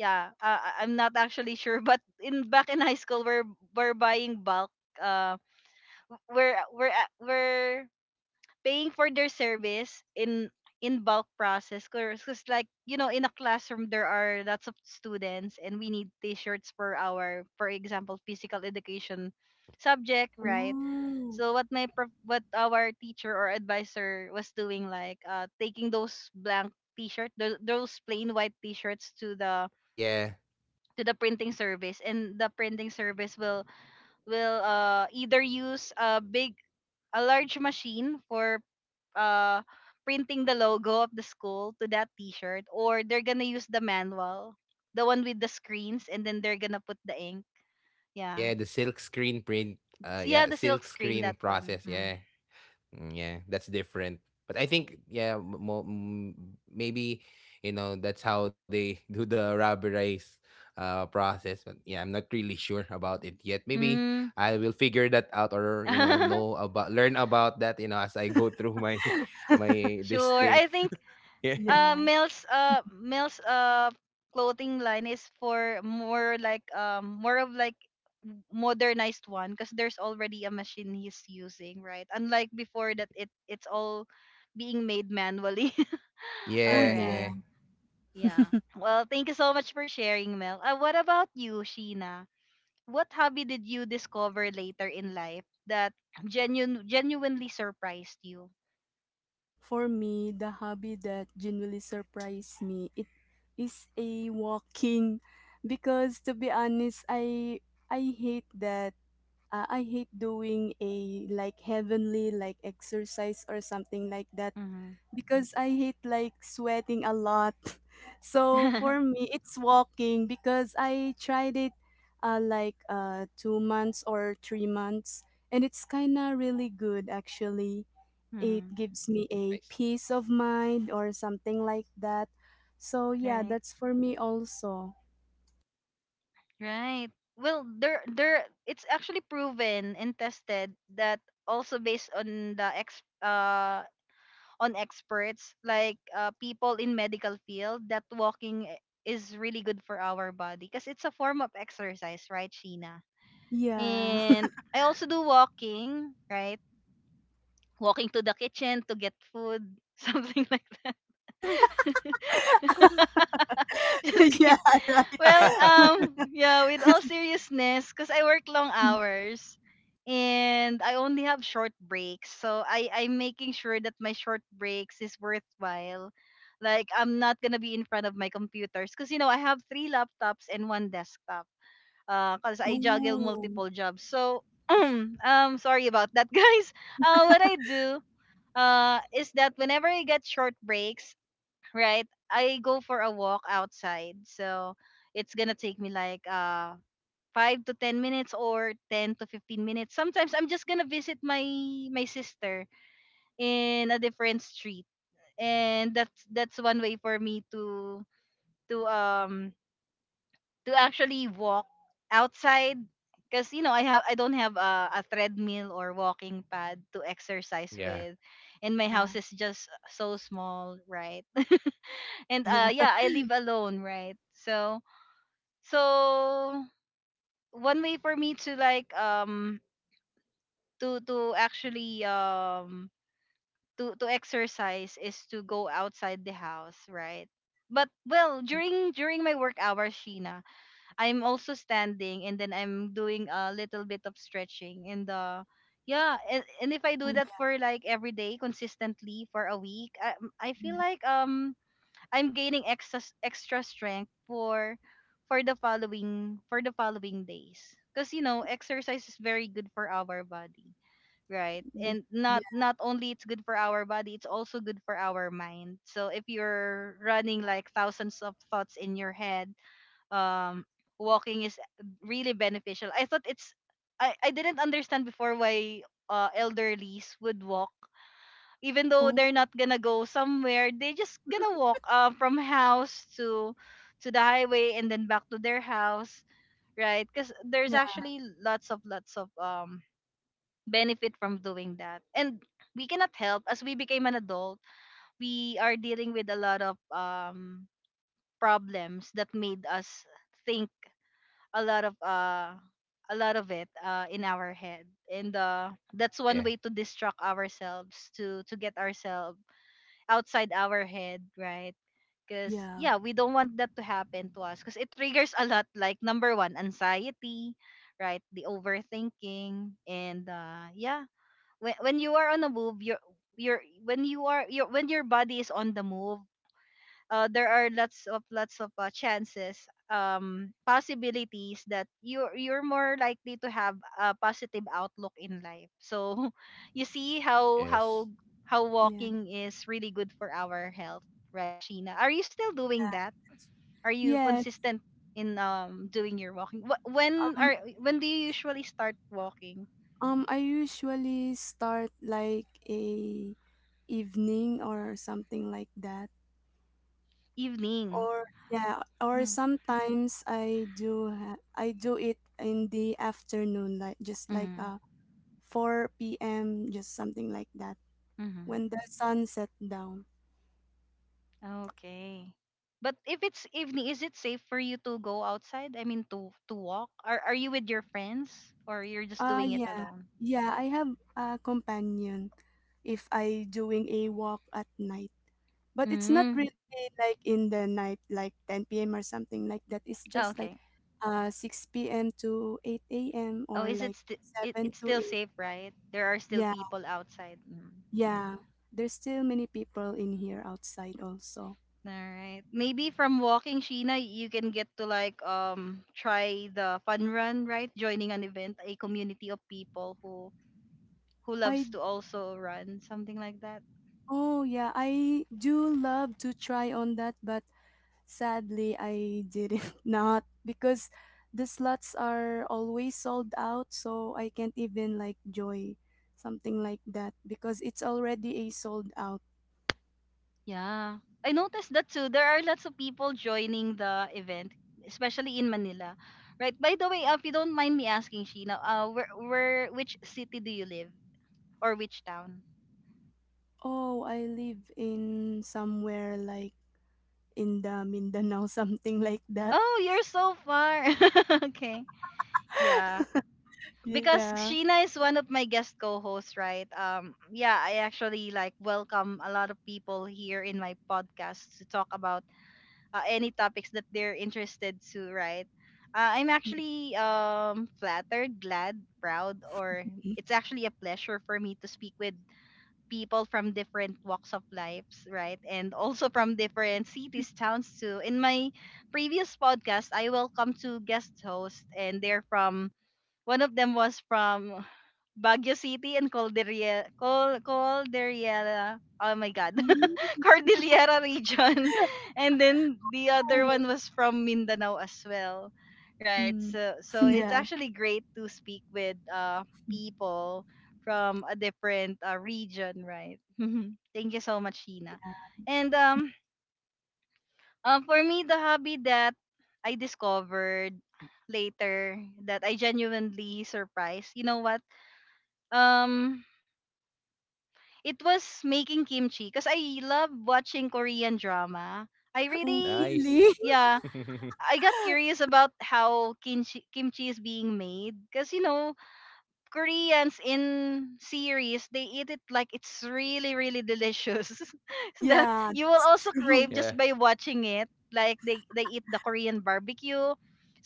yeah, uh, I- I'm not actually sure, but in back in high school, we're we're buying bulk, uh we're we're we're paying for their service in in bulk process, because, like, you know, in a classroom there are lots of students and we need t-shirts for our, for example, physical education subject, right?
Oh,
So what my prof- what our teacher or advisor was doing, like, uh taking those blank t-shirt, tho- those plain white t-shirts to the
yeah
to the printing service, and the printing service will will uh either use a big, a large machine for uh printing the logo of the school to that t-shirt, or they're gonna use the manual, the one with the screens, and then they're gonna put the ink, yeah.
yeah, the silk screen print.
S-
Uh
yeah, the
yeah,
silk
silk
screen, that
screen
one.
process,
Mm.
yeah. Mm, yeah, that's different. But I think, yeah, m- mo- m- maybe, you know, that's how they do the rubberized uh, process. But yeah, I'm not really sure about it yet. Maybe
Mm.
I will figure that out, or, you know, know about learn about that, you know, as I go through my my this
Sure. I
thing.
think
Yeah.
yeah.
uh Mills, uh Mills' uh clothing line is for more like, um more of like modernized one, because there's already a machine he's using, right? Unlike before, that it it's all being made manually.
Oh,
All
Yeah,
yeah.
right.
yeah,
Yeah. Well, thank you so much for sharing, Mel. Uh, what about you, Sheena? What hobby did you discover later in life that genuine, genuinely surprised you?
For me, the hobby that genuinely surprised me, it is a walking. Because to be honest, I I hate that uh, I hate doing a like heavenly like exercise or something like that,
Mm-hmm.
because I hate like sweating a lot. So for me, it's walking, because I tried it, uh, like uh, two months or three months, and it's kind of really good actually. It
Mm.
gives me a
nice.
peace of mind or something like that. So yeah,
Right.
that's for me also.
Right. Well, there, there. It's actually proven and tested, that also based on the ex, uh, on experts, like uh, people in medical field, that walking i- is really good for our body, because it's a form of exercise, right, Sheena?
Yeah,
And I also do walking, right? Walking to the kitchen to get food, something like that. Just
yeah.
kidding. Well, um, yeah, with all seriousness, because I work long hours and I only have short breaks. So I, I'm making sure that my short breaks is worthwhile. Like, I'm not gonna be in front of my computers, because, you know, I have three laptops and one desktop, because I juggle
Oh,
multiple jobs. So um sorry about that. Guys. Uh what I do uh is that whenever I get short breaks, right, I go for a walk outside. So it's gonna take me like uh five to ten minutes or ten to fifteen minutes. Sometimes I'm just gonna visit my my sister in a different street. And that's that's one way for me to to um to actually walk outside, because, you know, I have I don't have a, a treadmill or walking pad to exercise
Yeah,
with, and my
yeah,
house is just so small, right? And uh
yeah.
yeah, I live alone, right? So, so one way for me to, like um to to actually, um to to exercise is to go outside the house, right? But, well,
Yeah.
during during my work hours, Sheena, I'm also standing, and then I'm doing a little bit of stretching. And uh yeah, and, and if I
Oh,
do that
yeah.
for, like, every day consistently for a week, I, I feel
Yeah.
like, um I'm gaining extra extra strength for— for the following for the following days, because, you know, exercise is very good for our body, right?
Yeah.
And
Yeah.
not not only it's good for our body, it's also good for our mind. So if you're running, like, thousands of thoughts in your head, um walking is really beneficial. I thought it's I I didn't understand before why uh elderlies would walk, even though
Oh,
they're not gonna go somewhere, they just gonna walk, uh, from house to to the highway and then back to their house, right? Because there's
yeah.
actually lots of lots of um benefit from doing that, and we cannot help, as we became an adult, we are dealing with a lot of um problems that made us think a lot of uh a lot of it, uh in our head. And uh that's one way
yeah,
to distract ourselves, to to get ourselves outside our head, right? Because,
Yeah.
yeah, we don't want that to happen to us, because it triggers a lot, like, number one, anxiety, right? The overthinking. And uh yeah, when, when you are on a move, you're you're when you are you when your body is on the move, uh, there are lots of lots of uh, chances, um possibilities, that you you're more likely to have a positive outlook in life. So you see how— how
yes,
how
Yeah.
walking is really good for our health, right? Sheena, are you still doing
That.
that? Are you
Yes.
consistent in, um doing your walking? Wh- when
Um.
are when do you usually start walking?
Um. I usually start like a evening or something like that.
Evening.
Or yeah. Or
Mm-hmm.
sometimes I do. Ha- I do it in the afternoon, like just like
Mm-hmm.
uh four p m. Just something like that when the sun set down.
Okay. But if it's evening, is it safe for you to go outside? I mean, to to walk? Are are you with your friends, or you're just
Ah
doing it
yeah.
alone?
Yeah. I have a companion if I doing a walk at night. But it's not
Mm.
really like in the night, like ten p m or something like that. It's just
Oh,
like
okay.
uh six p m to eight a m
Oh,
or
is it
like
sti— it
seven
it's
to
still
eight.
safe, right? There are still
Yeah,
people outside. Mm.
yeah. There's still many people in here outside also.
All right. Maybe from walking, Sheena, you can get to, like, um try the fun run, right? Joining an event, a community of people who who
I
loves to also run, something like that.
oh yeah, I do love to try on that, but sadly, I didn't, not because the slots are always sold out, so I can't even like joy something like that because it's already a sold out.
Yeah, I noticed that too. There are lots of people joining the event, especially in Manila. Right. By the way, uh, if you don't mind me asking, Sheena, uh, where, where, which city do you live, or which town?
Oh, I live in somewhere like in the Mindanao, something like that.
Oh, you're so far. Okay. Yeah. Because
Yeah.
Sheena is one of my guest co-hosts, right? Um, yeah, I actually, like, welcome a lot of people here in my podcast to talk about, uh, any topics that they're interested to, right? Uh, I'm actually, um, flattered, glad, proud, or—
Yeah.
it's actually a pleasure for me to speak with people from different walks of lives, right? And also from different cities, towns too. In my previous podcast, I welcome two guest hosts, and they're from— one of them was from Baguio City and Calderiel Col Calderiela. Oh my God.
Oh,
Cordillera region. And then the other one was from Mindanao as well. Right.
mm.
So so it's
Yeah.
actually great to speak with uh people from a different, uh, region, right? Thank you so much, Sheena. And, um uh, for me, the hobby that I discovered later that I genuinely surprised— you know what? Um it was making kimchi, because I love watching Korean drama. I
Oh,
really—
nice.
really?
yeah, I got curious about how kimchi kimchi is being made, because, you know, Koreans in series, they eat it like it's really, really delicious. So that
Yeah,
you will also crave
true.
just
Yeah.
by watching it. Like they they eat the Korean barbecue.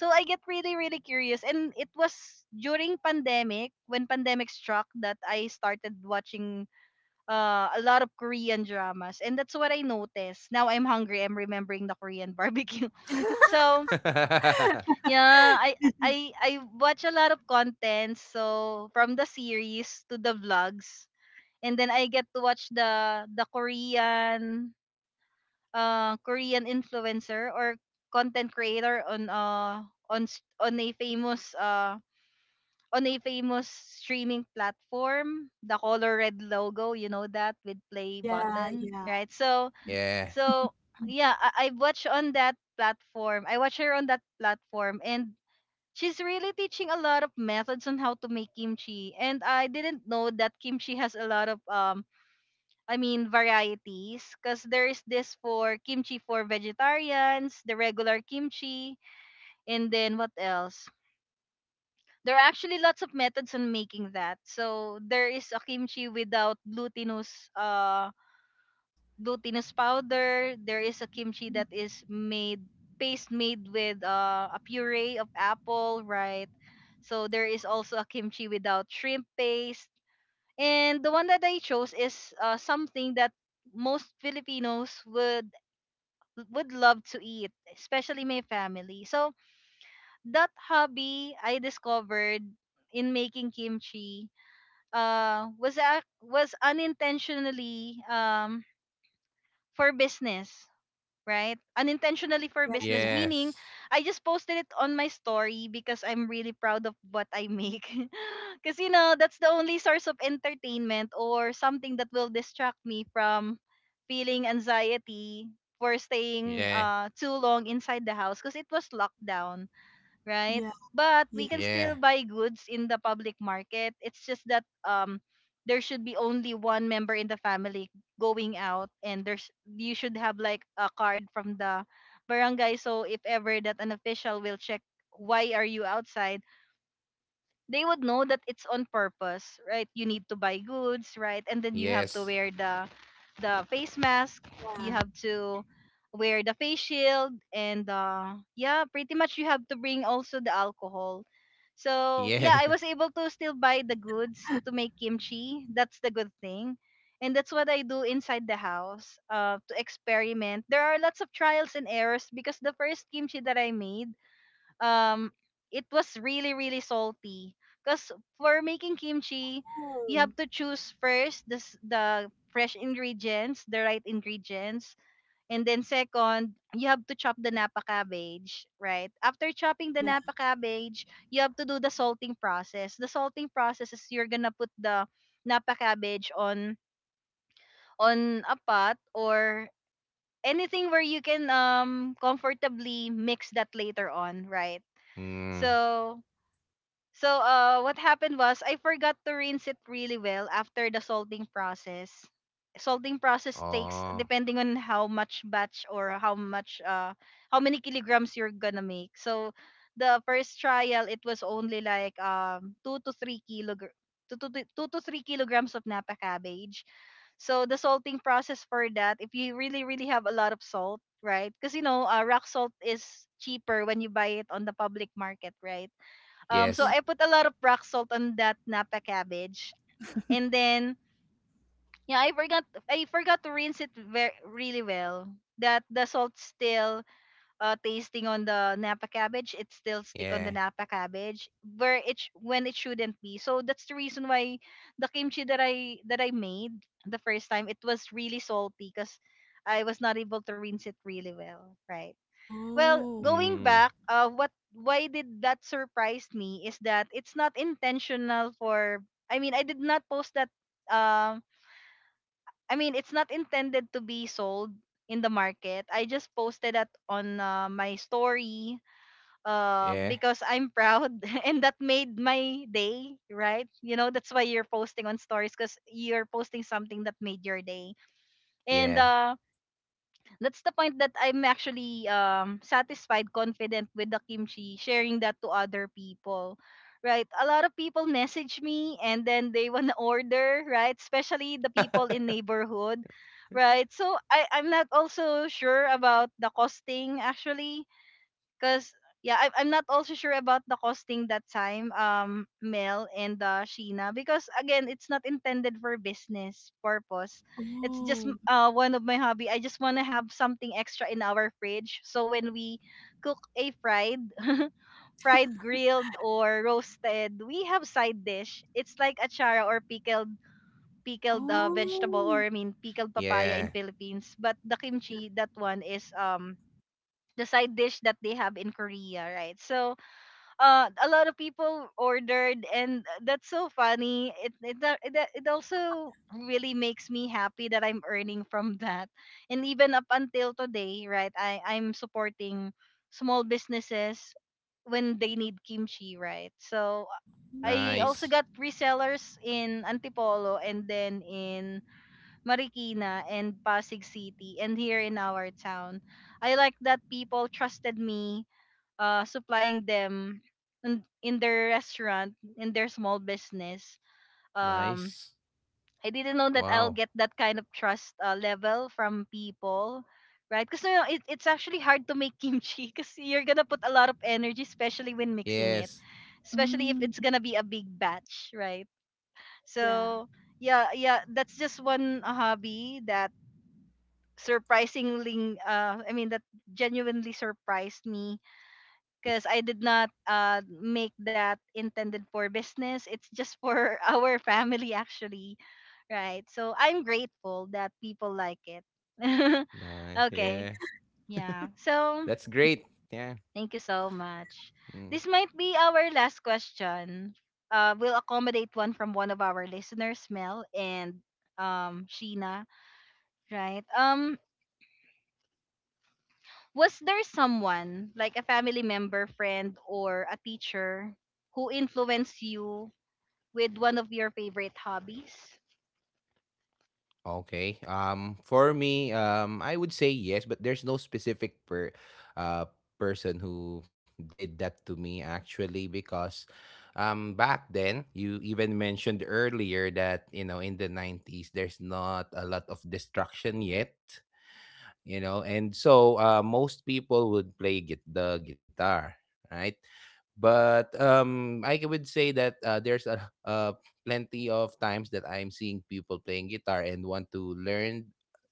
So I get really, really curious, and it was during pandemic, when pandemic struck, that I started watching, uh, a lot of Korean dramas. And that's what I noticed. Now I'm hungry. I'm remembering the Korean barbecue. So, yeah, I I I watch a lot of content. So from the series to the vlogs, and then I get to watch the the Korean, uh Korean influencer or content creator on uh on s- on a famous uh on a famous streaming platform, the color red logo, you know, that with play
Yeah,
button,
yeah,
right? So
Yeah,
So yeah, I, I watch on that platform. I watch her on that platform, and she's really teaching a lot of methods on how to make kimchi. And I didn't know that kimchi has a lot of, um, I mean, varieties, because there is this— for kimchi for vegetarians, the regular kimchi, and then what else? There are actually lots of methods on making that. So there is a kimchi without glutinous uh glutinous powder. There is a kimchi that is made— paste made with, uh, a puree of apple, right? So there is also a kimchi without shrimp paste. And the one that I chose is, uh, something that most Filipinos would would love to eat, especially my family. So that hobby I discovered in making kimchi, uh, was ac was unintentionally, um, for business, right? Unintentionally for
yeah,
business,
yes,
meaning I just posted it on my story, because I'm really proud of what I make. Because, you know, that's the only source of entertainment or something that will distract me from feeling anxiety for staying,
yeah,
uh, too long inside the house, because it was lockdown, right?
yeah,
But
yeah,
we can still
yeah.
buy goods in the public market. It's just that, um there should be only one member in the family going out, and there's— you should have, like, a card from the barangay, so if ever that an official will check why are you outside, they would know that it's on purpose, right? You need to buy goods, right? And then you have to
Yes.
wear the the face mask,
yeah.
you have to wear the face shield, and uh yeah, pretty much you have to bring also the alcohol. So, yeah,
Yeah.
I was able to still buy the goods to make kimchi. That's the good thing. And that's what I do inside the house, uh, to experiment. There are lots of trials and errors, because the first kimchi that I made, um it was really, really salty, because for making kimchi, you
Oh,
have to choose first this— the fresh ingredients, the right ingredients. And then second, you have to chop the napa cabbage. Right after chopping the
yeah,
napa cabbage, you have to do the salting process. The salting process is, you're gonna put the napa cabbage on on a pot or anything where you can, um comfortably mix that later on, right?
Mm.
So so uh, what happened was I forgot to rinse it really well after the salting process. Salting process takes,
Oh.
depending on how much batch or how much uh how many kilograms you're gonna make. So the first trial it was only like, um two to three kilogram. Two to, th- two to three kilograms of napa cabbage. So the salting process for that— if you really, really have a lot of salt, right? Because, you know, uh, rock salt is cheaper when you buy it on the public market, right? Um, so
yeah.
I
Yes.
put a lot of rock salt on that Napa cabbage, and then, yeah, I forgot I forgot to rinse it very really well. That the salt still, uh, tasting on the Napa cabbage, it still stick on the
Yeah.
Napa cabbage where it sh— when it shouldn't be. So that's the reason why the kimchi that I that I made the first time, it was really salty, because I was not able to rinse it really well, right? Well,
Oh,
going
Mm.
back, uh, what why did that surprise me is that it's not intentional for— I mean, I did not post that. Um, I mean, it's not intended to be sold in the market. I just posted that on, uh, my story, uh,
Yeah.
because I'm proud, and that made my day, right? You know, that's why you're posting on stories, because you're posting something that made your day. And,
Yeah.
uh, that's the point that I'm actually, um satisfied, confident with the kimchi, sharing that to other people. Right? A lot of people message me, and then they wanna order, right? Especially the people in neighborhood. Right? So, I, I'm not also sure about the costing, actually. Cause, yeah, I'm I'm not also sure about the costing that time, um, Mel and, uh, Sheena, because again, it's not intended for business purpose. It's just
oh,
m- uh one of my hobby. I just wanna have something extra in our fridge, so when we cook a fried, fried, grilled, or roasted, we have side dish. It's like achara or pickled pickled, uh, vegetable,
oh,
or I mean pickled papaya in
Yeah.
Philippines. But the
yeah,
kimchi, that one is, um the side dish that they have in Korea, right? So, uh, a lot of people ordered, and that's so funny. It it a- it, a- it also really makes me happy that I'm earning from that, and even up until today, right? I I'm supporting small businesses when they need kimchi, right? So, I
oh,
also
Nice.
got resellers in Antipolo, and then in Marikina and Pasig City, and here in our town. I like that people trusted me, uh, supplying them in, in their restaurant, in their small business. Um,
Nice.
I didn't know that I'll
Wow.
get that kind of trust, uh, level from people. Right, because you know, it, it's actually hard to make kimchi because you're gonna put a lot of energy, especially when mixing it,
Yes.
especially if
mm,
it's gonna be a big batch, right?
yeah.
So yeah, yeah, that's just one uh, hobby that surprisingly uh I mean that genuinely surprised me because
Nice.
I did not uh make that intended for business. It's just for our family, actually. Right, so I'm grateful that people like it.
Nice.
Okay.
Yeah.
Yeah, so
That's great. Yeah.
thank you so much.
Mm.
This might be our last question. Uh we'll accommodate one from one of our listeners, Mel and um Sheena. Right. um Was there someone, like a family member, friend, or a teacher, who influenced you with one of your favorite hobbies?
Okay. Um, for me, um, I would say yes, but there's no specific per, uh, person who did that to me, actually, because um, back then, you even mentioned earlier that, you know, in the nineties, there's not a lot of destruction yet. You know, and so uh, most people would play git- the guitar, right? But um I would say that uh, there's a uh, plenty of times that I'm seeing people playing guitar and want to learn,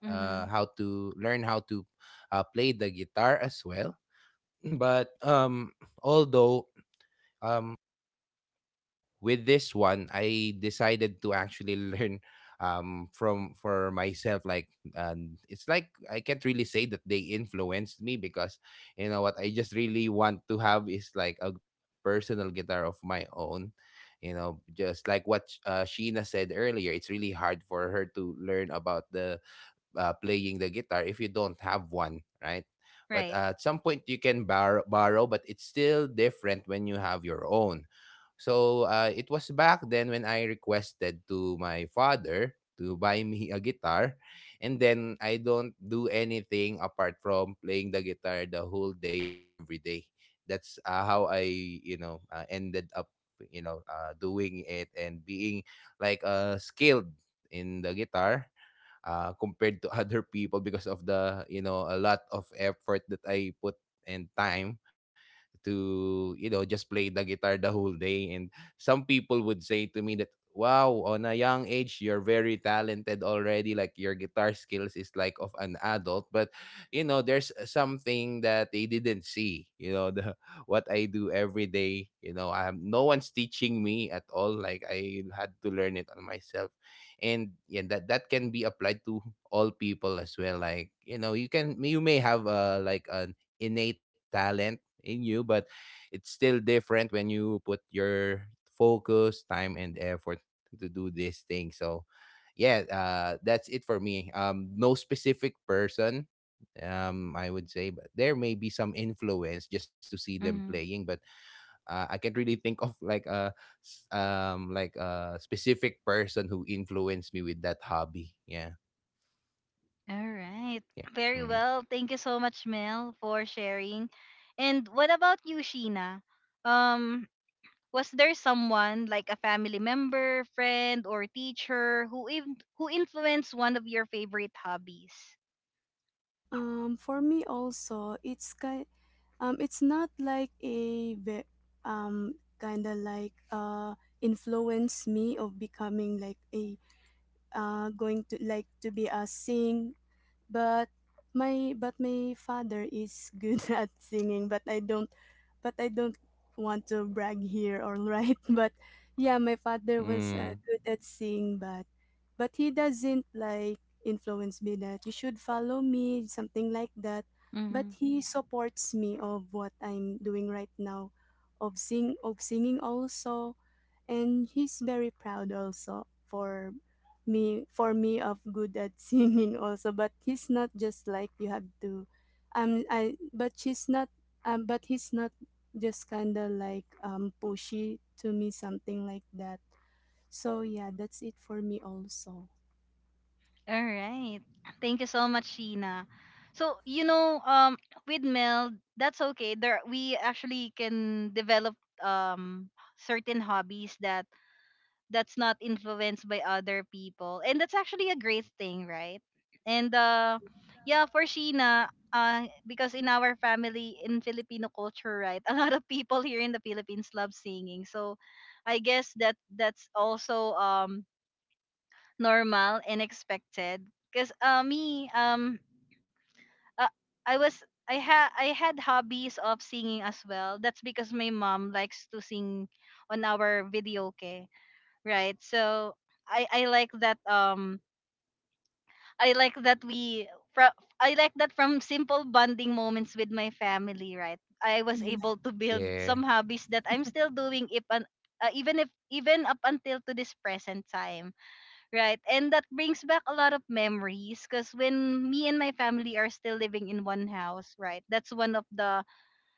uh,
Mm-hmm.
how to learn how to uh, play the guitar as well. But um although um, with this one, I decided to actually learn um, from for myself. Like, um, it's like I can't really say that they influenced me, because you know what, I just really want to have is like a personal guitar of my own. You know, just like what uh, Sheena said earlier, it's really hard for her to learn about the uh, playing the guitar if you don't have one, right? But
Right.
uh, at some point you can borrow, borrow, but it's still different when you have your own. So uh, it was back then when I requested to my father to buy me a guitar, and then I don't do anything apart from playing the guitar the whole day, every day. That's uh, how I, you know uh, ended up, you know uh, doing it and being, like, uh, skilled in the guitar uh, compared to other people, because of the, you know, a lot of effort that I put, and time, to, you know, just play the guitar the whole day. And some people would say to me that, wow, on a young age you're very talented already, like your guitar skills is like of an adult. But you know, there's something that they didn't see, you know, the what I do every day, you know. I'm no one's teaching me at all, like I had to learn it on myself. And yeah, that that can be applied to all people as well. Like, you know, you can, you may have uh like an innate talent in you, but it's still different when you put your focus, time, and effort to do this thing. So yeah, uh that's it for me. Um no specific person, um I would say, but there may be some influence just to see them
Mm-hmm.
playing. But uh, I can't really think of like a s- um like a specific person who influenced me with that hobby. Yeah,
All right.
yeah,
Very
mm.
well. Thank you so much, Mel, for sharing. And what about you, Sheena? Um, was there someone like a family member, friend, or teacher who in- who influenced one of your favorite hobbies?
Um, for me also, it's kind, um, it's not like a ve- um kind of like uh influence me of becoming like a uh going to like to be a sing. But my but my father is good at singing, but I don't but I don't want to brag here or right. But yeah, my father was, uh,
Mm.
good at singing, but but he doesn't like influence me that you should follow me, something like that. But he supports me of what I'm doing right now, of sing of singing also. And he's very proud also for me for me of good at singing also. But he's not just like you have to um I but she's not um but he's not just kind of like um pushy to me, something like that. So yeah, that's it for me also.
All right. Thank you so much, Sheena. So, you know, um, with Mel, that's okay. There, we actually can develop um certain hobbies that that's not influenced by other people, and that's actually a great thing, right? And uh, yeah, for Sheena, uh, because in our family in Filipino culture, right, a lot of people here in the Philippines love singing. So, I guess that that's also um normal and expected because uh, me um uh, I was i had i had hobbies of singing as well. That's because my mom likes to sing on our video. Okay, right. So i i like that, um I like that we from I like that from simple bonding moments with my family, right? I was
Yeah.
able to
Yeah,
build some hobbies that I'm still doing if an, uh, even if, even up until to this present time. Right. And that brings back a lot of memories because when me and my family are still living in one house, right? That's one of the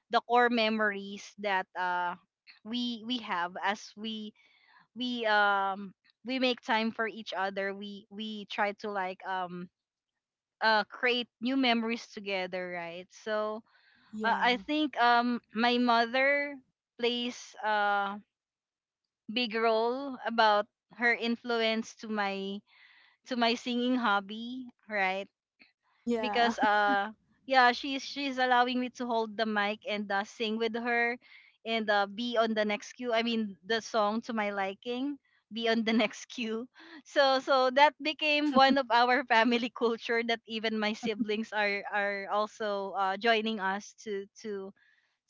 the core memories that uh we we have as we we um we make time for each other. We we try to like um uh create new memories together, right? So uh,
Yeah.
I think um my mother plays a big role about her influence to my to my singing hobby, right?
Yeah.
Because uh yeah, she's she's allowing me to hold the mic and uh, sing with her and uh, be on the next cue. I mean the song to my liking, be on the next cue. So so that became one of our family culture that even my siblings are are also uh, joining us to to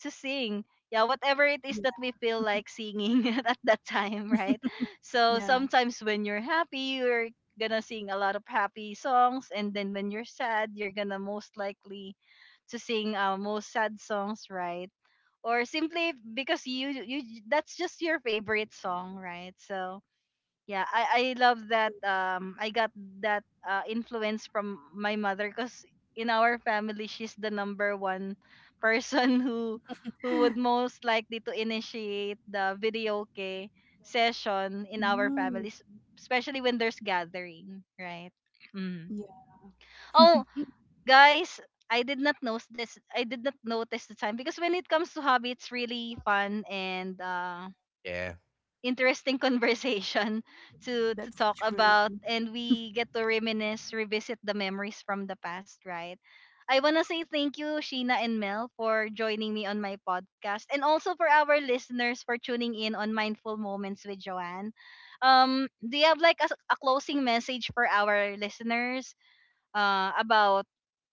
to sing. Yeah, whatever it
Yeah.
is that we feel like singing at that time, right? So
Yeah.
sometimes when you're happy, you're gonna sing a lot of happy songs, and then when you're sad, you're gonna most likely to sing uh, most sad songs, right? Or simply because you you that's just your favorite song, right? So yeah, I I love that, um I got that uh, influence from my mother, cuz in our family she's the number one person who who would most likely to initiate the video karaoke session in our
Mm,
families, especially when there's gathering, right?
yeah.
Mm. Oh, guys, I did not notice this. I did not notice the time because when it comes to hobby, it's really fun and uh
yeah.
interesting conversation to
That's
to talk
true.
about, and we get to reminisce, revisit the memories from the past, right? I want to say thank you, Sheena and Mel, for joining me on my podcast, and also for our listeners for tuning in on Mindful Moments with Joanne. Um do you have like a, a closing message for our listeners uh about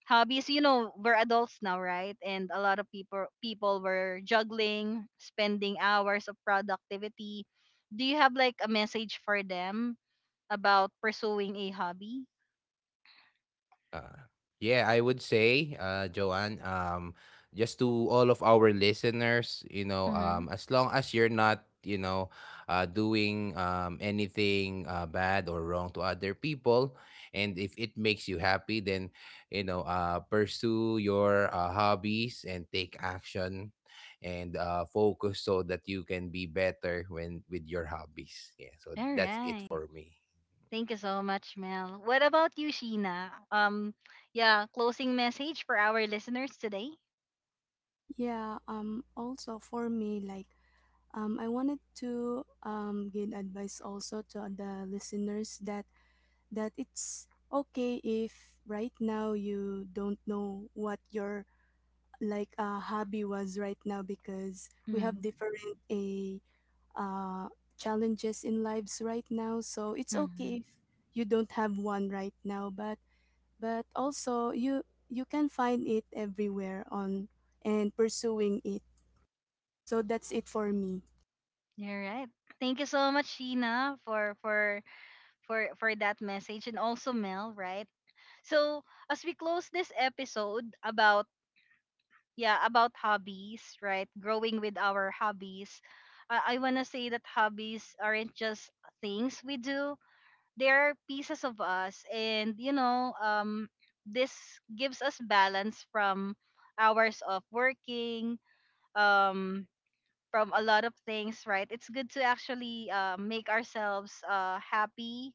hobbies? You know, we're adults now, right? And a lot of people people were juggling spending hours of productivity. Do you have like a message for them about pursuing a hobby?
Uh, yeah, I would say, uh, Joanne, um, just to all of our listeners, you know,
Mm-hmm.
um, as long as you're not, you know, uh, doing um, anything uh, bad or wrong to other people, and if it makes you happy, then, you know, uh, pursue your uh, hobbies and take action, and uh, focus so that you can be better when with your hobbies. Yeah, so
All
that's it
right,
for me.
thank you so much, Mel. What about you, Sheena? Um yeah, closing message for our listeners today.
Yeah, um also for me, like Um, I wanted to um, give advice also to the listeners that that it's okay if right now you don't know what your like, uh, hobby was right now, because we have
Mm-hmm.
different a uh, challenges in lives right now. So it's
All
okay if you don't have one right now, but but also you you can find it everywhere on and pursuing it. So that's it for me.
right, thank you so much, Sheena, for for for for that message, and also Mel, right? So, as we close this episode about yeah, about hobbies, right? Growing with our hobbies. I, I want to say that hobbies aren't just things we do. They are pieces of us, and you know, um this gives us balance from hours of working, um from a lot of things, right? It's good to actually uh, make ourselves uh, happy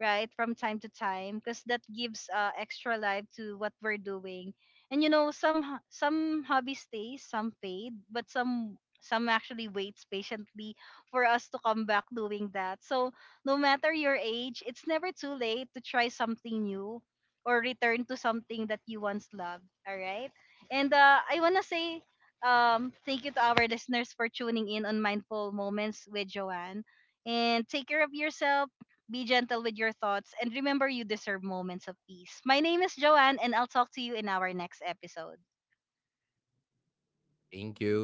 right from time to time, because that gives uh, extra life to what we're doing. And you know, some ho- some hobby stays, some fade, but some some actually waits patiently for us to come back doing that. So no matter your age, it's never too late to try something new or return to something that you once loved. All right. And uh, I want to say um, thank you to our listeners for tuning in on Mindful Moments with Joanne. And take care of yourself, be gentle with your thoughts, and remember you deserve moments of peace. My name is Joanne, and I'll talk to you in our next episode.
Thank you.